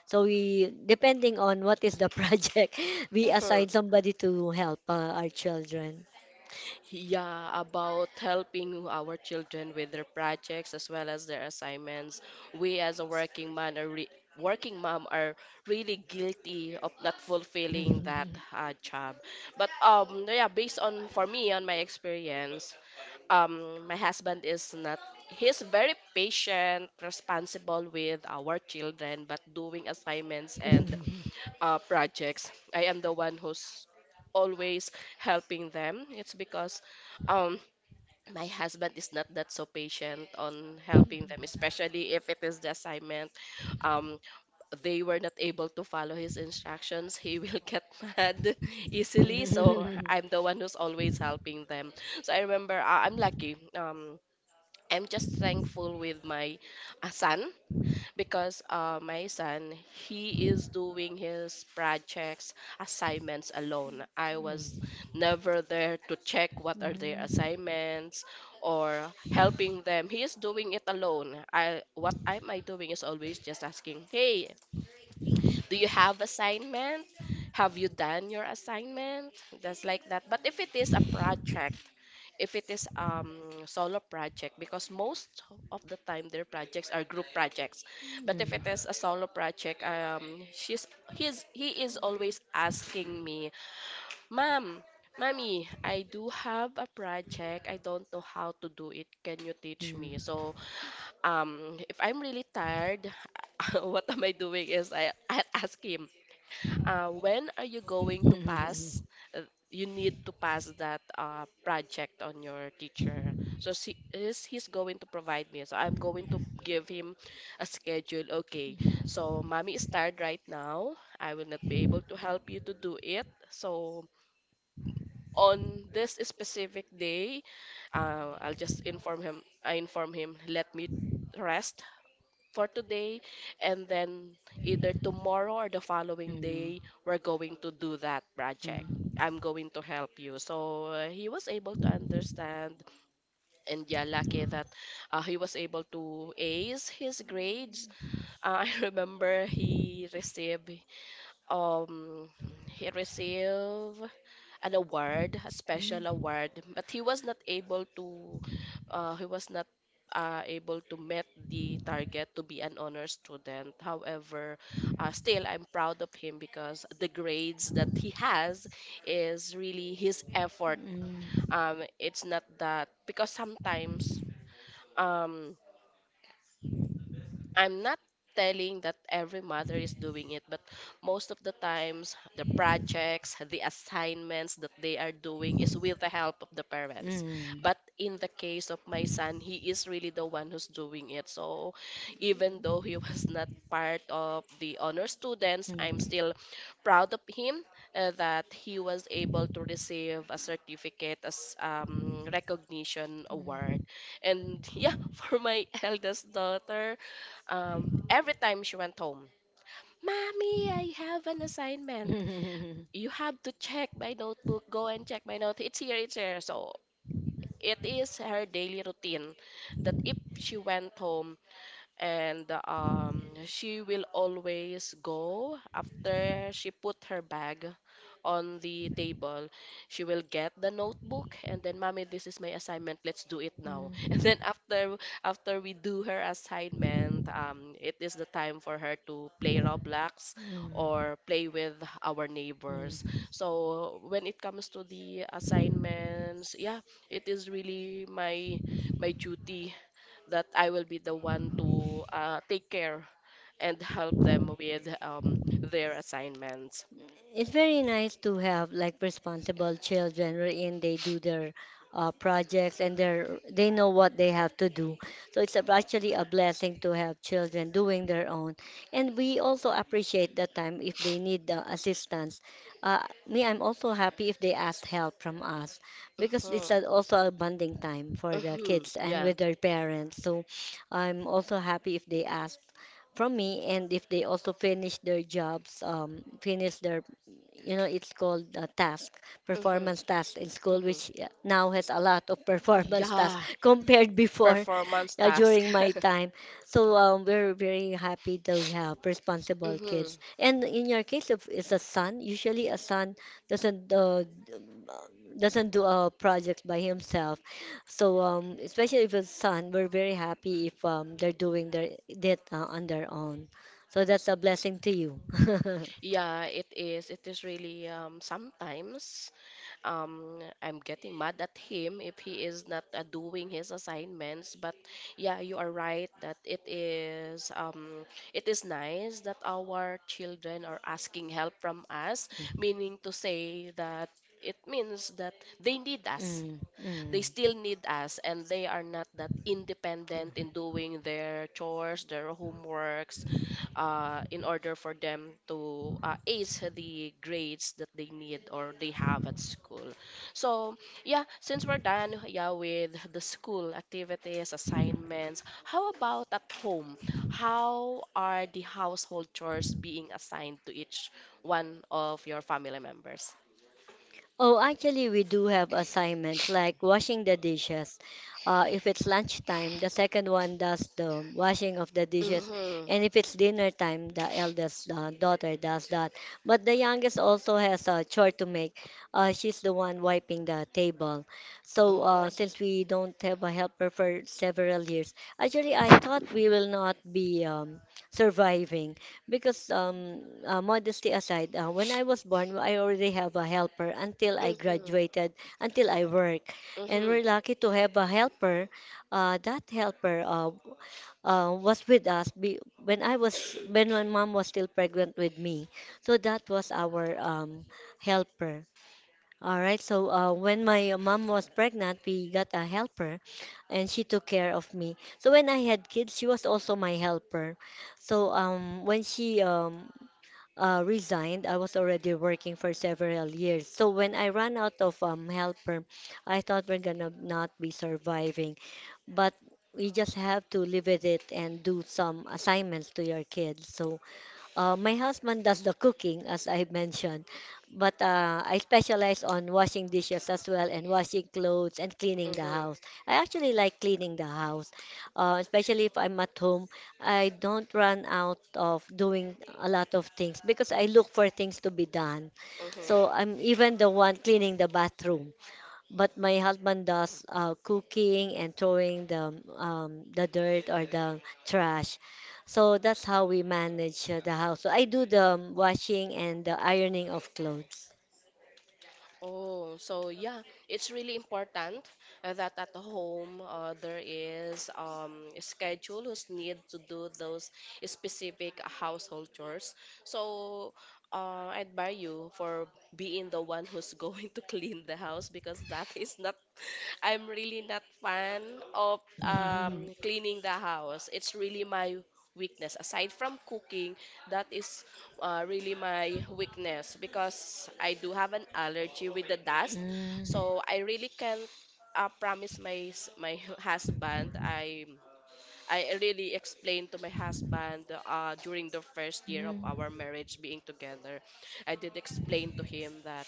[SPEAKER 2] So we, depending on what is the project, we
[SPEAKER 1] Mhm.
[SPEAKER 2] assign somebody to help our children.
[SPEAKER 1] Yeah, about helping our children with their projects as well as their assignments. We as a working mom are really guilty of not fulfilling that job. But yeah, based on for me on my experience, my husband is not he's very patient, responsible with our children, but doing assignments and projects, I am the one who's always helping them. It's because, um, my husband is not that so patient on helping them, especially if it is the assignment. Um, they were not able to follow his instructions. He will get mad easily. So I'm the one who's always helping them. So I remember, I'm lucky. I'm just thankful with my son because my son he is doing his projects, assignments alone. I was
[SPEAKER 2] Mm.
[SPEAKER 1] never there to check
[SPEAKER 2] Mm.
[SPEAKER 1] what are their
[SPEAKER 2] Mm. Mm.
[SPEAKER 1] assignments or helping them. He is doing it alone. I what am I doing is always just asking, hey, do you have assignment? Have you done your assignment? Just like that. But if it is a project, if it is solo project, because most of the time their projects are group projects, but if it is a solo project, she's he's he is always asking me, mom, mommy, I do have a project, I don't know how to do it, can you teach me? So if I'm really tired, what am I doing is I ask him, when are you going to pass? You need to pass that project on your teacher. So she is he's going to provide me. So I'm going to give him a schedule. Okay. So mommy is tired right now. I will not be able to help you to do it. So on this specific day, I'll just inform him. I inform him. Let me rest for today, and then either tomorrow or the following day we're going to do that project. I'm going to help you. So he was able to understand, and yeah, lucky that he was able to ace his grades. I remember um he received an award, a special award, but he was not able to he was not able to meet the target to be an honor student. However, still I'm proud of him because the grades that he has is really his effort. It's not that, because sometimes um I'm not telling that every mother is doing it, but most of the times, the projects, the assignments that they are doing is with the help of the
[SPEAKER 2] Mm. Mm.
[SPEAKER 1] parents. But
[SPEAKER 2] Mm.
[SPEAKER 1] in the case of my son, he is really the one who's doing it. So even though he was not part of the honor students, I'm
[SPEAKER 2] Mm.
[SPEAKER 1] still proud of him, that he was able to receive a certificate as recognition award. And yeah, for my eldest daughter, every time she went home. Mommy, I have an assignment.
[SPEAKER 2] Mm.
[SPEAKER 1] You have to check my notebook. Go and check my note. It's here, it's here. So it is her daily routine that if she went home, and she will always go after she put her bag on the table, she will get the notebook, and then, mommy, this is my assignment, let's do it
[SPEAKER 2] Mm.
[SPEAKER 1] now.
[SPEAKER 2] Mm.
[SPEAKER 1] And
[SPEAKER 2] Mm. Mm.
[SPEAKER 1] then after we do her assignment, it is the time for her to play Roblox
[SPEAKER 2] Mm.
[SPEAKER 1] or play with our neighbors.
[SPEAKER 2] Mm.
[SPEAKER 1] So when it comes to the assignments, yeah, it is really my duty that I will be the one to take care and help them with their assignments.
[SPEAKER 2] It's very nice to have like responsible children wherein they do their projects and they know what they have to do. So it's actually a blessing to have children doing their own. And we also appreciate the time if they need assistance. I'm also happy if they ask help from us because
[SPEAKER 1] Mhm,
[SPEAKER 2] it's also a bonding time for the
[SPEAKER 1] mhm.
[SPEAKER 2] kids and
[SPEAKER 1] Yeah.
[SPEAKER 2] with their parents. So I'm also happy if they ask from me and if they also finish their you know it's called a task
[SPEAKER 1] Mhm,
[SPEAKER 2] performance task in school
[SPEAKER 1] mhm.
[SPEAKER 2] which now has a lot of performance
[SPEAKER 1] Yeah.
[SPEAKER 2] tasks compared before
[SPEAKER 1] Performance task.
[SPEAKER 2] during my time. We're very happy to have responsible
[SPEAKER 1] Hmm.
[SPEAKER 2] kids, and in your case if it's a son, usually a son doesn't uh, doesn't do a project by himself. Especially if it's son, we're very happy if they're doing their that on their own. So that's a blessing to you.
[SPEAKER 1] Yeah, it is. It is really, sometimes I'm getting mad at him if he is not doing his assignments, but yeah, you are right that it is, it is nice that our children are asking help from us, meaning to say that, it means that they need us.
[SPEAKER 2] Mm,
[SPEAKER 1] They
[SPEAKER 2] mm.
[SPEAKER 1] still need us, and they are not that independent
[SPEAKER 2] Yeah.
[SPEAKER 1] in doing their chores, their homeworks, in order for them to ace the grades that they need or they have at school. So, yeah, since we're done, yeah, with the school activities, assignments, how about at home? How are the household chores being assigned to each one of your family members?
[SPEAKER 2] Oh, actually, we do have assignments like washing the dishes. If it's lunchtime, the second one does the washing of the dishes.
[SPEAKER 1] Mm-hmm.
[SPEAKER 2] And if it's dinner time, the eldest daughter does that. But the youngest also has a chore to make. She's the one wiping the table. So,
[SPEAKER 1] Mm-hmm.
[SPEAKER 2] since we don't have a helper for several years, actually, I thought we will not be surviving. Because modesty aside, when I was born, I already have a helper until I graduated, until I work, and
[SPEAKER 1] Mm-hmm.
[SPEAKER 2] we're lucky to have a helper. That helper was with us when I was when my mom was still pregnant with me. So that was our helper. All right. So when my mom was pregnant, we got a helper, and she took care of me. So when I had kids, she was also my helper. So when she resigned, I was already working for several years. So when I ran out of helper, I thought we're gonna not be surviving. But we just have to live with it and do some assignments to your kids. So my husband does the cooking, as I mentioned, but I specialize on washing dishes as well and washing clothes and cleaning the
[SPEAKER 1] Mm-hmm.
[SPEAKER 2] house. I actually like cleaning the house, especially if I'm at home. I don't run out of doing a lot of things because I look for things to be done. So
[SPEAKER 1] Mm-hmm.
[SPEAKER 2] I'm even the one cleaning the bathroom, but my husband does cooking and throwing the dirt or the trash. So that's how we manage the house. So I do the washing and the ironing of clothes.
[SPEAKER 1] Oh, so yeah, it's really important that at home there is a schedule who's need to do those specific household chores. So I admire you for being the one who's going to clean the house, because that is not, I'm really not fan of cleaning the house. It's really my weakness aside from cooking. That is really my weakness because I do have an allergy with the dust. So I really can't promise my my husband. I really explained to my husband during the first year of our marriage being together. I did explain to him that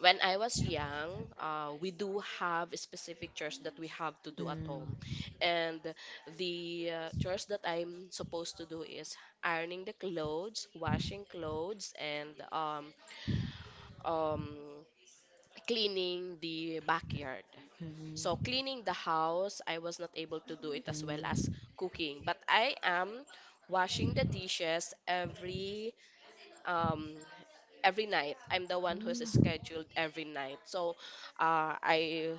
[SPEAKER 1] when I was young, we do have specific chores that we have to
[SPEAKER 2] Mm,
[SPEAKER 1] do
[SPEAKER 2] mm,
[SPEAKER 1] at
[SPEAKER 2] mm,
[SPEAKER 1] home.
[SPEAKER 2] mm,
[SPEAKER 1] And the chores that I'm supposed to do is ironing the clothes, washing clothes, and um, cleaning the backyard.
[SPEAKER 2] mm,
[SPEAKER 1] So, cleaning the house, I was not able to do it
[SPEAKER 2] mm,
[SPEAKER 1] as well as cooking. But I am washing the dishes every, um, every night. I'm the one who's scheduled every night. So I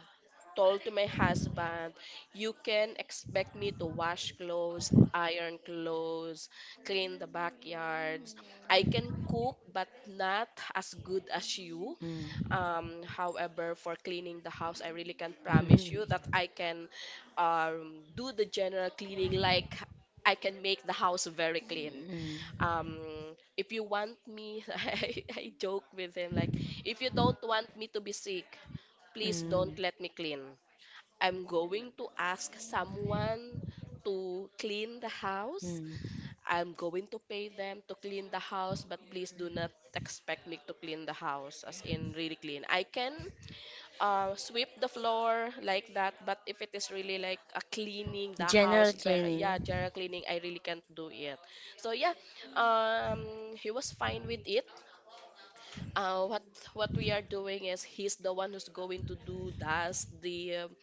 [SPEAKER 1] told to my husband, you can expect me to wash clothes, iron clothes, clean the backyards. I can cook, but not as good as you. However, for cleaning the house, I really can't promise you that I can do the general cleaning. Like, I can make the house very clean, um if you want me. I joke with him like, if you don't want me to be sick,
[SPEAKER 2] mm,
[SPEAKER 1] please don't
[SPEAKER 2] mm,
[SPEAKER 1] let me clean. I'm going to ask someone to clean the
[SPEAKER 2] mm,
[SPEAKER 1] house.
[SPEAKER 2] mm.
[SPEAKER 1] I'm going to pay them to clean the house, but please do not expect me to clean the house as in really clean. I can sweep the floor like that. But if it is really like a cleaning the house,
[SPEAKER 2] General
[SPEAKER 1] very,
[SPEAKER 2] cleaning.
[SPEAKER 1] yeah, general cleaning, I really can't do it. So yeah, he was fine with it. Uh, what what we are doing is he's the one who's going to do does the, um,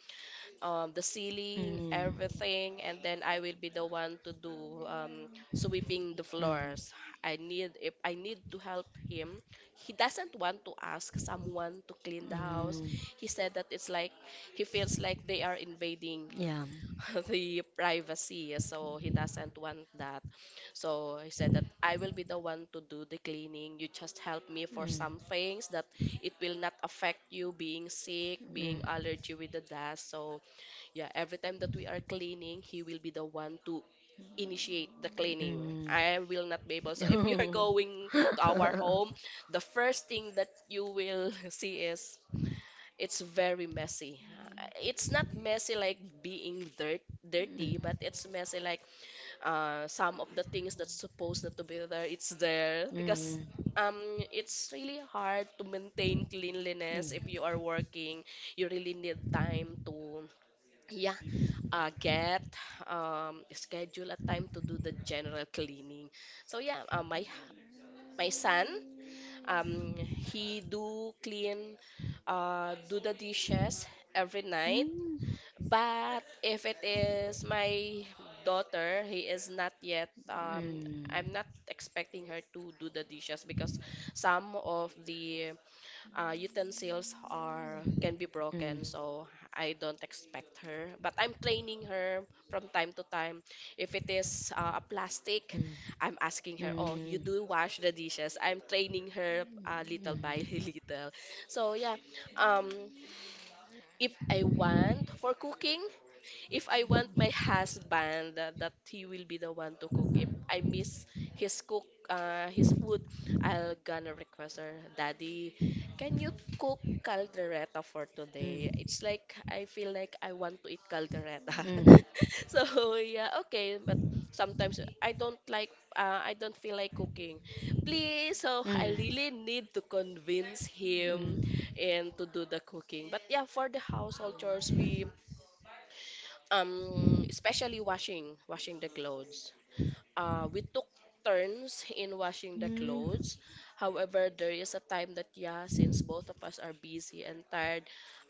[SPEAKER 1] um, the ceiling,
[SPEAKER 2] Mm,
[SPEAKER 1] everything, and then I will be the one to do, sweeping the
[SPEAKER 2] mm, mm,
[SPEAKER 1] floors. I need, if I need to help him. He doesn't want to ask someone to clean the house.
[SPEAKER 2] mm,
[SPEAKER 1] He said that it's like he feels like they are invading
[SPEAKER 2] yeah.
[SPEAKER 1] the privacy, so he doesn't want that. So he said that I will be the one to do the cleaning. You just help me for
[SPEAKER 2] Mm,
[SPEAKER 1] some things that it will not affect you being sick, being
[SPEAKER 2] mm.
[SPEAKER 1] allergy with the dust. So yeah, every time that we are cleaning, he will be the one to initiate the cleaning.
[SPEAKER 2] Mm.
[SPEAKER 1] I will not be able. So if you are going to our home, the first thing that you will see is it's very messy. It's not messy like being dirty, but it's messy like, some of the things that's supposed not to be there, it's there
[SPEAKER 2] Mm.
[SPEAKER 1] because
[SPEAKER 2] Mm.
[SPEAKER 1] um it's really hard to maintain cleanliness if
[SPEAKER 2] Mm.
[SPEAKER 1] you are working. You really need time to, yeah, get, schedule a time to do the general cleaning. So yeah, my son. Um, he do clean, do the dishes every
[SPEAKER 2] Mm.
[SPEAKER 1] night.
[SPEAKER 2] Mm.
[SPEAKER 1] But if it is my daughter, he is not yet, I'm not expecting her to do the dishes because some of the utensils are can be
[SPEAKER 2] Mm. Mm.
[SPEAKER 1] broken. So I don't expect her, but I'm training her from time to time. If it is a
[SPEAKER 2] Mm.
[SPEAKER 1] plastic,
[SPEAKER 2] Mm. Mm.
[SPEAKER 1] I'm asking her, oh, you do wash the dishes. I'm training her little by little. So yeah, um if I want for cooking, if I want my husband that he will be the one to cook, if I miss his cook his food, I'll gonna request, her daddy, can you cook caldereta for today? It's like I feel like I want to eat caldereta.
[SPEAKER 2] Mm.
[SPEAKER 1] So yeah, okay, but sometimes I don't like, I don't feel like cooking, please. So I really need to convince him and to do the cooking. But yeah, for the household chores we, especially washing the clothes, we took turns in washing the clothes. However, there is a time that, yeah, since both of us are busy and tired,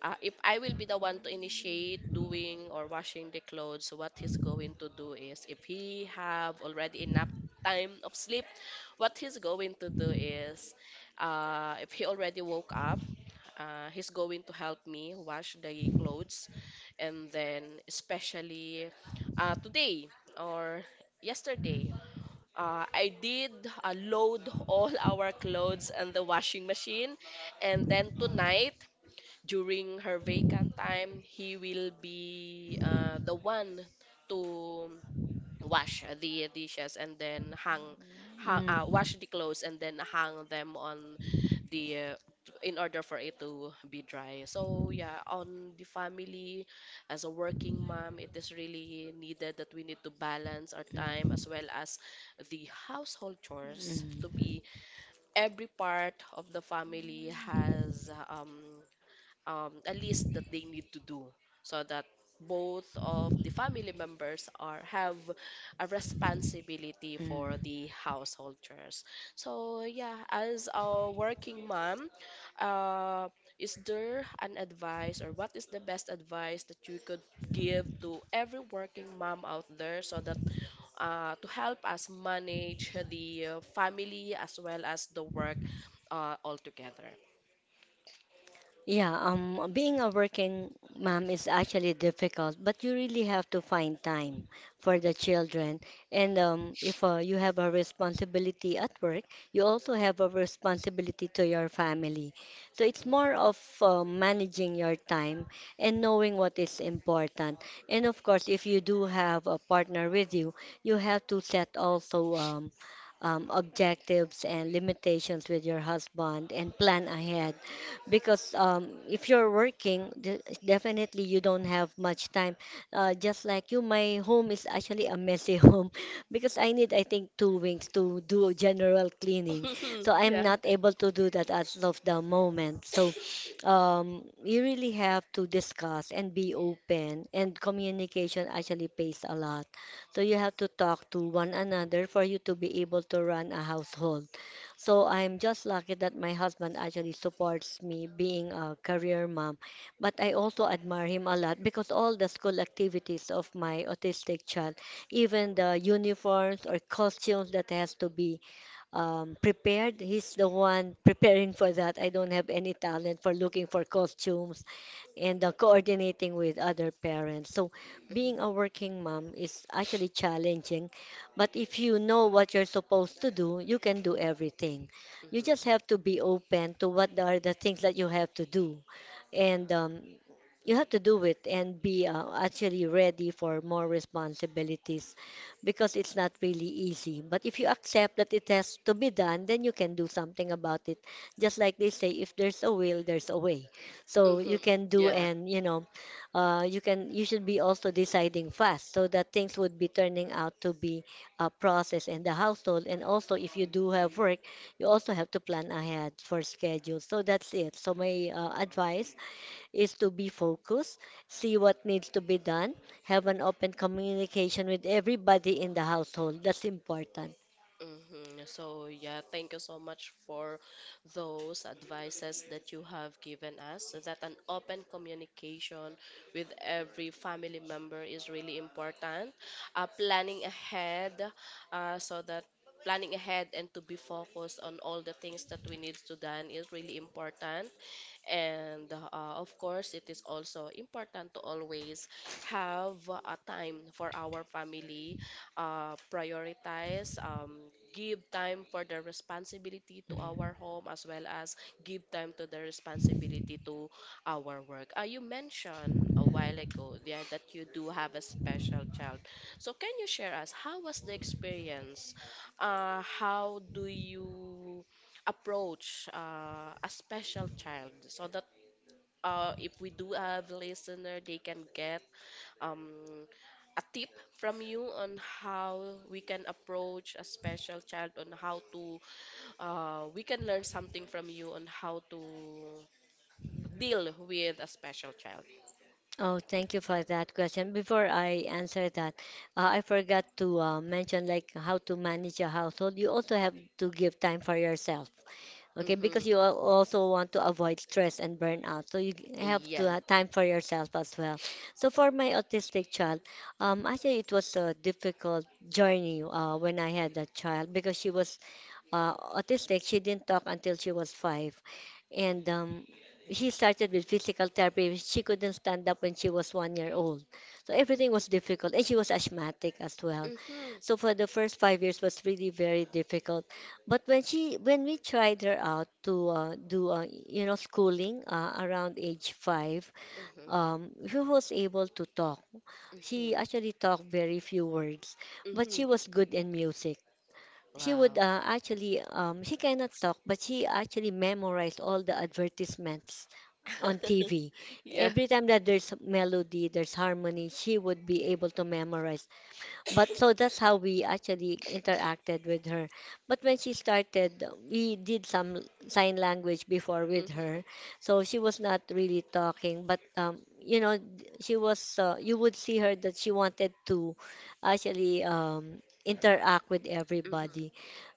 [SPEAKER 1] if I will be the one to initiate doing or washing the clothes, what he's going to do is, if he have already enough time of sleep, what he's going to do is, if he already woke up, he's going to help me wash the clothes, and then especially, today or yesterday. I did load all our clothes and the washing machine, and then tonight during her vacant time, he will be the one to wash the dishes, and then hang, hang wash the clothes and then hang them on the in order for it to be dry. So yeah, on the family, as a working mom, it is really needed that we need to balance our
[SPEAKER 2] Mm.
[SPEAKER 1] time
[SPEAKER 2] Mm.
[SPEAKER 1] as well as the household chores to
[SPEAKER 2] Mm.
[SPEAKER 1] be, every part of the family has a list that they need to do, so that both of the family members are have a responsibility for
[SPEAKER 2] Mm.
[SPEAKER 1] the household chores. So yeah, as a working mom, uh, is there an advice or what is the best advice that you could give to every working mom out there, so that to help us manage the family as well as the work all together?
[SPEAKER 2] Yeah, Being a working mom is actually difficult, but you really have to find time for the children. And if you have a responsibility at work, you also have a responsibility to your family. So it's more of managing your time and knowing what is important. And of course, if you do have a partner with you, you have to set also objectives and limitations with your husband and plan ahead because if you're working, definitely you don't have much time. Just like you, my home is actually a messy home because I need, I think, 2 weeks to do general cleaning.
[SPEAKER 1] Mhm.
[SPEAKER 2] So I'm not able to do that as of the moment. So you really have to discuss and be open, and communication actually pays a lot. So you have to talk to one another for you to be able to run a household. So I'm just lucky that my husband actually supports me being a career mom. But I also admire him a lot because all the school activities of my autistic child, even the uniforms or costumes that has to be prepared. He's the one preparing for that. I don't have any talent for looking for costumes and coordinating with other parents. So,
[SPEAKER 1] Yeah.
[SPEAKER 2] being a working mom is actually challenging, but if you know what you're supposed to do, you can do everything. You just
[SPEAKER 1] Mm-hmm.
[SPEAKER 2] have to be open to what are the things that you have to do, and you have to do it and be actually ready for more responsibilities because it's not really easy. But if you accept that it has to be done, then you can do something about it. Just like they say, if there's a will, there's a way. So
[SPEAKER 1] Mm-hmm.
[SPEAKER 2] you can do
[SPEAKER 1] Yeah.
[SPEAKER 2] and you can you should be also deciding fast so that things would be turning out to be a process in the household. And also, if you do have work, you also have to plan ahead for schedules. So that's it. So my advice is to be focused, see what needs to be done, have an open communication with everybody in the household. That's important.
[SPEAKER 1] Mm-hmm. So, yeah, thank you so much for those advices that you have given us. So that an open communication with every family member is really important. Planning ahead, uh, so that and to be focused on all the things that we need to done is really important. And of course, it is also important to always have a time for our family, prioritize, give time for the responsibility to our
[SPEAKER 2] Mhm.
[SPEAKER 1] home, as well as give time to the responsibility to our work. You mentioned a while ago, yeah, that you do have a special child. So can you share us how was the experience? How do you approach a special child, so that if we do have listener, they can get um, a tip from you on how we can approach a special child, on how to, we can learn something from you on how to deal with a special child.
[SPEAKER 2] Oh, thank you for that question. Before I answer that, I forgot to mention like how to manage your household. You also have to give time for yourself. Okay,
[SPEAKER 1] Mm-hmm.
[SPEAKER 2] because you also want to avoid stress and burnout. So you have
[SPEAKER 1] Yeah.
[SPEAKER 2] to have time for yourself as well. So for my autistic child, actually it was a difficult journey when I had that child because she was autistic. She didn't talk until she was 5 and she started with physical therapy. Because she couldn't stand up when she was 1 year old, so everything was difficult, and she was asthmatic as well.
[SPEAKER 1] Mm-hmm.
[SPEAKER 2] So for the first 5 years was really very difficult. But when we tried her out to do schooling around age 5,
[SPEAKER 1] Mm-hmm.
[SPEAKER 2] she was able to talk.
[SPEAKER 1] Mm-hmm.
[SPEAKER 2] She actually talked very few words, but
[SPEAKER 1] Mm-hmm.
[SPEAKER 2] she was good in music. She
[SPEAKER 1] Wow.
[SPEAKER 2] would actually she cannot talk, but she actually memorized all the advertisements on TV.
[SPEAKER 1] Yeah.
[SPEAKER 2] Every time that there's melody, there's harmony, she would be able to memorize. But so that's how we actually interacted with her. But when she started, we did some sign language before with
[SPEAKER 1] Mm-hmm.
[SPEAKER 2] her. So she was not really talking, but you know, she was you would see her that she wanted to actually interact with everybody.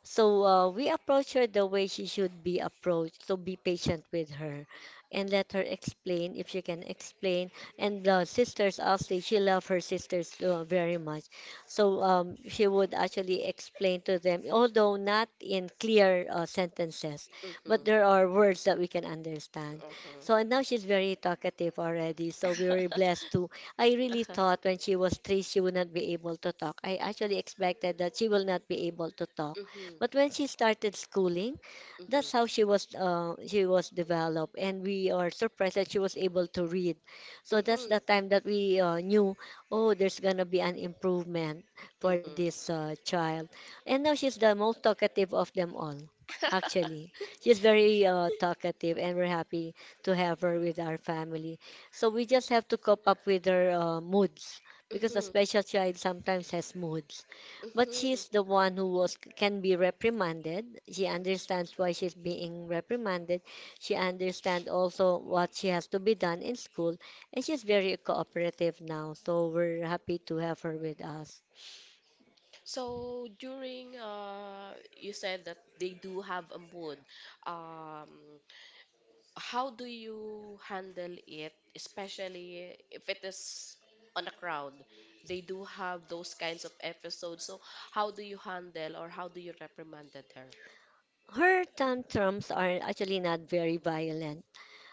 [SPEAKER 2] So we approach her the way she should be approached. So be patient with her
[SPEAKER 1] Mm-hmm.
[SPEAKER 2] and let her explain if she can explain. And the sisters, also, she loved her sisters very much. So she would actually explain to them, although not in clear sentences, but there
[SPEAKER 1] Mm-hmm.
[SPEAKER 2] are words that we can understand. So and
[SPEAKER 1] Mm-hmm.
[SPEAKER 2] now she's very talkative already. So we were blessed to. I really
[SPEAKER 1] Uh-huh.
[SPEAKER 2] thought when she was three, she would not be able to talk. I actually expected that she will not be able to talk,
[SPEAKER 1] Mhm.
[SPEAKER 2] but when she started schooling,
[SPEAKER 1] Mhm.
[SPEAKER 2] that's how she was developed, and we are surprised that she was able to read. So that's
[SPEAKER 1] Mhm.
[SPEAKER 2] the time that we knew, oh, there's gonna be an improvement for
[SPEAKER 1] Mhm.
[SPEAKER 2] this child. And now she's the most talkative of them all. Actually, she's very talkative, and we're happy to have her with our family. So we just have to cope up with her moods because a
[SPEAKER 1] Mhm.
[SPEAKER 2] special child sometimes has moods. But
[SPEAKER 1] Mhm.
[SPEAKER 2] she's the one who was can be reprimanded. She understands why she's being reprimanded. She understands also what she has to be done in school, and she's very cooperative now. So we're happy to have her with us.
[SPEAKER 1] So during, uh, you said that they do have a mood. Um how do you handle it, especially if it is on a crowd? They do have those kinds of episodes. So how do you handle or how do you reprimanded her?
[SPEAKER 2] Her tantrums are actually not very violent.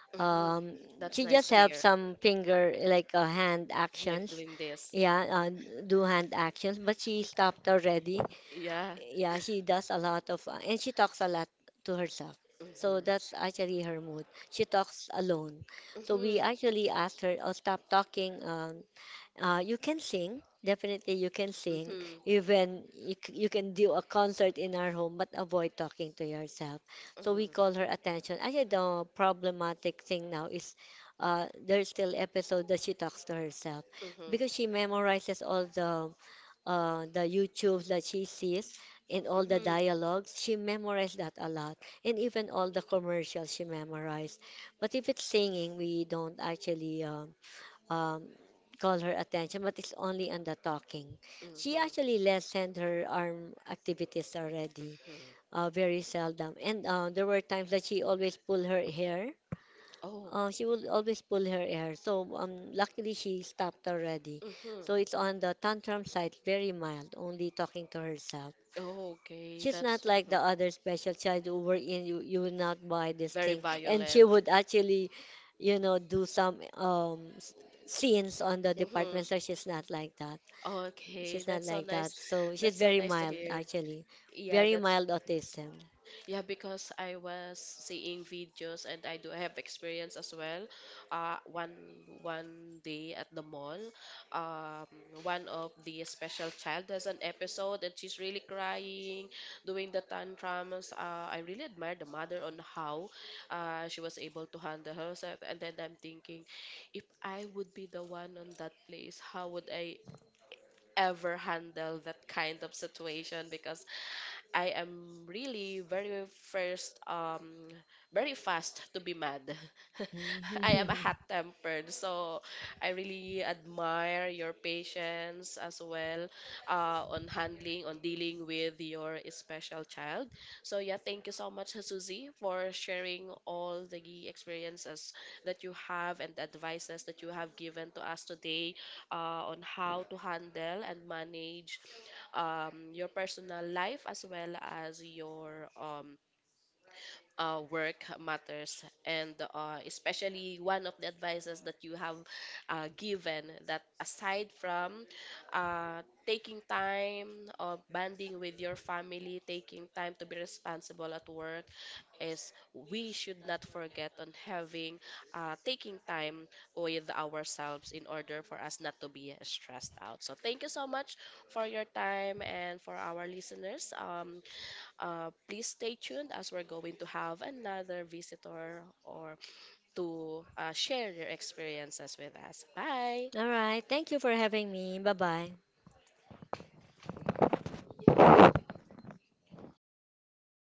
[SPEAKER 1] Mhm.
[SPEAKER 2] Um,
[SPEAKER 1] That's
[SPEAKER 2] she
[SPEAKER 1] nice to
[SPEAKER 2] just have
[SPEAKER 1] hear.
[SPEAKER 2] some finger like hand
[SPEAKER 1] Like
[SPEAKER 2] actions.
[SPEAKER 1] doing this.
[SPEAKER 2] Yeah, do hand actions, but she stopped already.
[SPEAKER 1] Yeah.
[SPEAKER 2] Yeah, she does a lot of, and she talks a lot to herself.
[SPEAKER 1] Mhm.
[SPEAKER 2] So that's actually her mood. She talks alone. So
[SPEAKER 1] Mhm.
[SPEAKER 2] we actually asked her, oh, stop talking. You can sing. Definitely, you can sing.
[SPEAKER 1] Mhm.
[SPEAKER 2] Even you, you can do a concert in our home, but avoid talking to yourself. So
[SPEAKER 1] Mhm.
[SPEAKER 2] we call her attention. Actually, the problematic thing now is there's still episode that she talks to herself
[SPEAKER 1] Mhm.
[SPEAKER 2] because she memorizes all the YouTubes that she sees and all the
[SPEAKER 1] Mhm.
[SPEAKER 2] dialogues, she memorized that a lot. And even all the commercials she memorized. But if it's singing, we don't actually um, call her attention, but it's only on the talking. She
[SPEAKER 1] Mhm.
[SPEAKER 2] actually lessened her arm activities already,
[SPEAKER 1] Mhm.
[SPEAKER 2] very seldom. And there were times that she always pulled her hair,
[SPEAKER 1] Oh.
[SPEAKER 2] she will always pull her hair. So luckily she stopped already.
[SPEAKER 1] Mhm.
[SPEAKER 2] So it's on the tantrum side, very mild, only talking to herself.
[SPEAKER 1] Okay,
[SPEAKER 2] She's
[SPEAKER 1] that's
[SPEAKER 2] not like
[SPEAKER 1] mhm.
[SPEAKER 2] the other special child who were in you will not buy this
[SPEAKER 1] Very
[SPEAKER 2] thing. And
[SPEAKER 1] violent.
[SPEAKER 2] she would actually, you know, do some scenes on the
[SPEAKER 1] Mhm.
[SPEAKER 2] department. So she's not like that.
[SPEAKER 1] Okay,
[SPEAKER 2] She's
[SPEAKER 1] that's
[SPEAKER 2] not
[SPEAKER 1] so
[SPEAKER 2] like
[SPEAKER 1] nice.
[SPEAKER 2] that. So
[SPEAKER 1] That's
[SPEAKER 2] she's
[SPEAKER 1] so
[SPEAKER 2] very
[SPEAKER 1] nice to
[SPEAKER 2] mild,
[SPEAKER 1] hear.
[SPEAKER 2] actually.
[SPEAKER 1] Yeah,
[SPEAKER 2] Very
[SPEAKER 1] that's.
[SPEAKER 2] mild autism.
[SPEAKER 1] Yeah, because I was seeing videos and I do have experience as well. Uh, one one day at the mall, um, one of the special child has an episode and she's really crying, doing the tantrums. I really admire the mother on how she was able to handle herself. And then I'm thinking, if I would be the one on that place, how would I ever handle that kind of situation? Because I am really very first very fast to be mad. I am a hot tempered, so I really admire your patience as well on handling on dealing with your special child. So yeah, thank you so much, Susie, for sharing all the experiences that you have and advices that you have given to us today, on how to handle and manage your personal life as well as your, work matters, and especially one of the advices that you have given, that aside from taking time of bonding with your family, taking time to be responsible at work, is we should not forget on having, taking time with ourselves in order for us not to be stressed out. So thank you so much for your time. And for our listeners, please stay tuned as we're going to have another visitor or to share their experiences with us. Bye.
[SPEAKER 2] All right. Thank you for having me. Bye bye. Sobre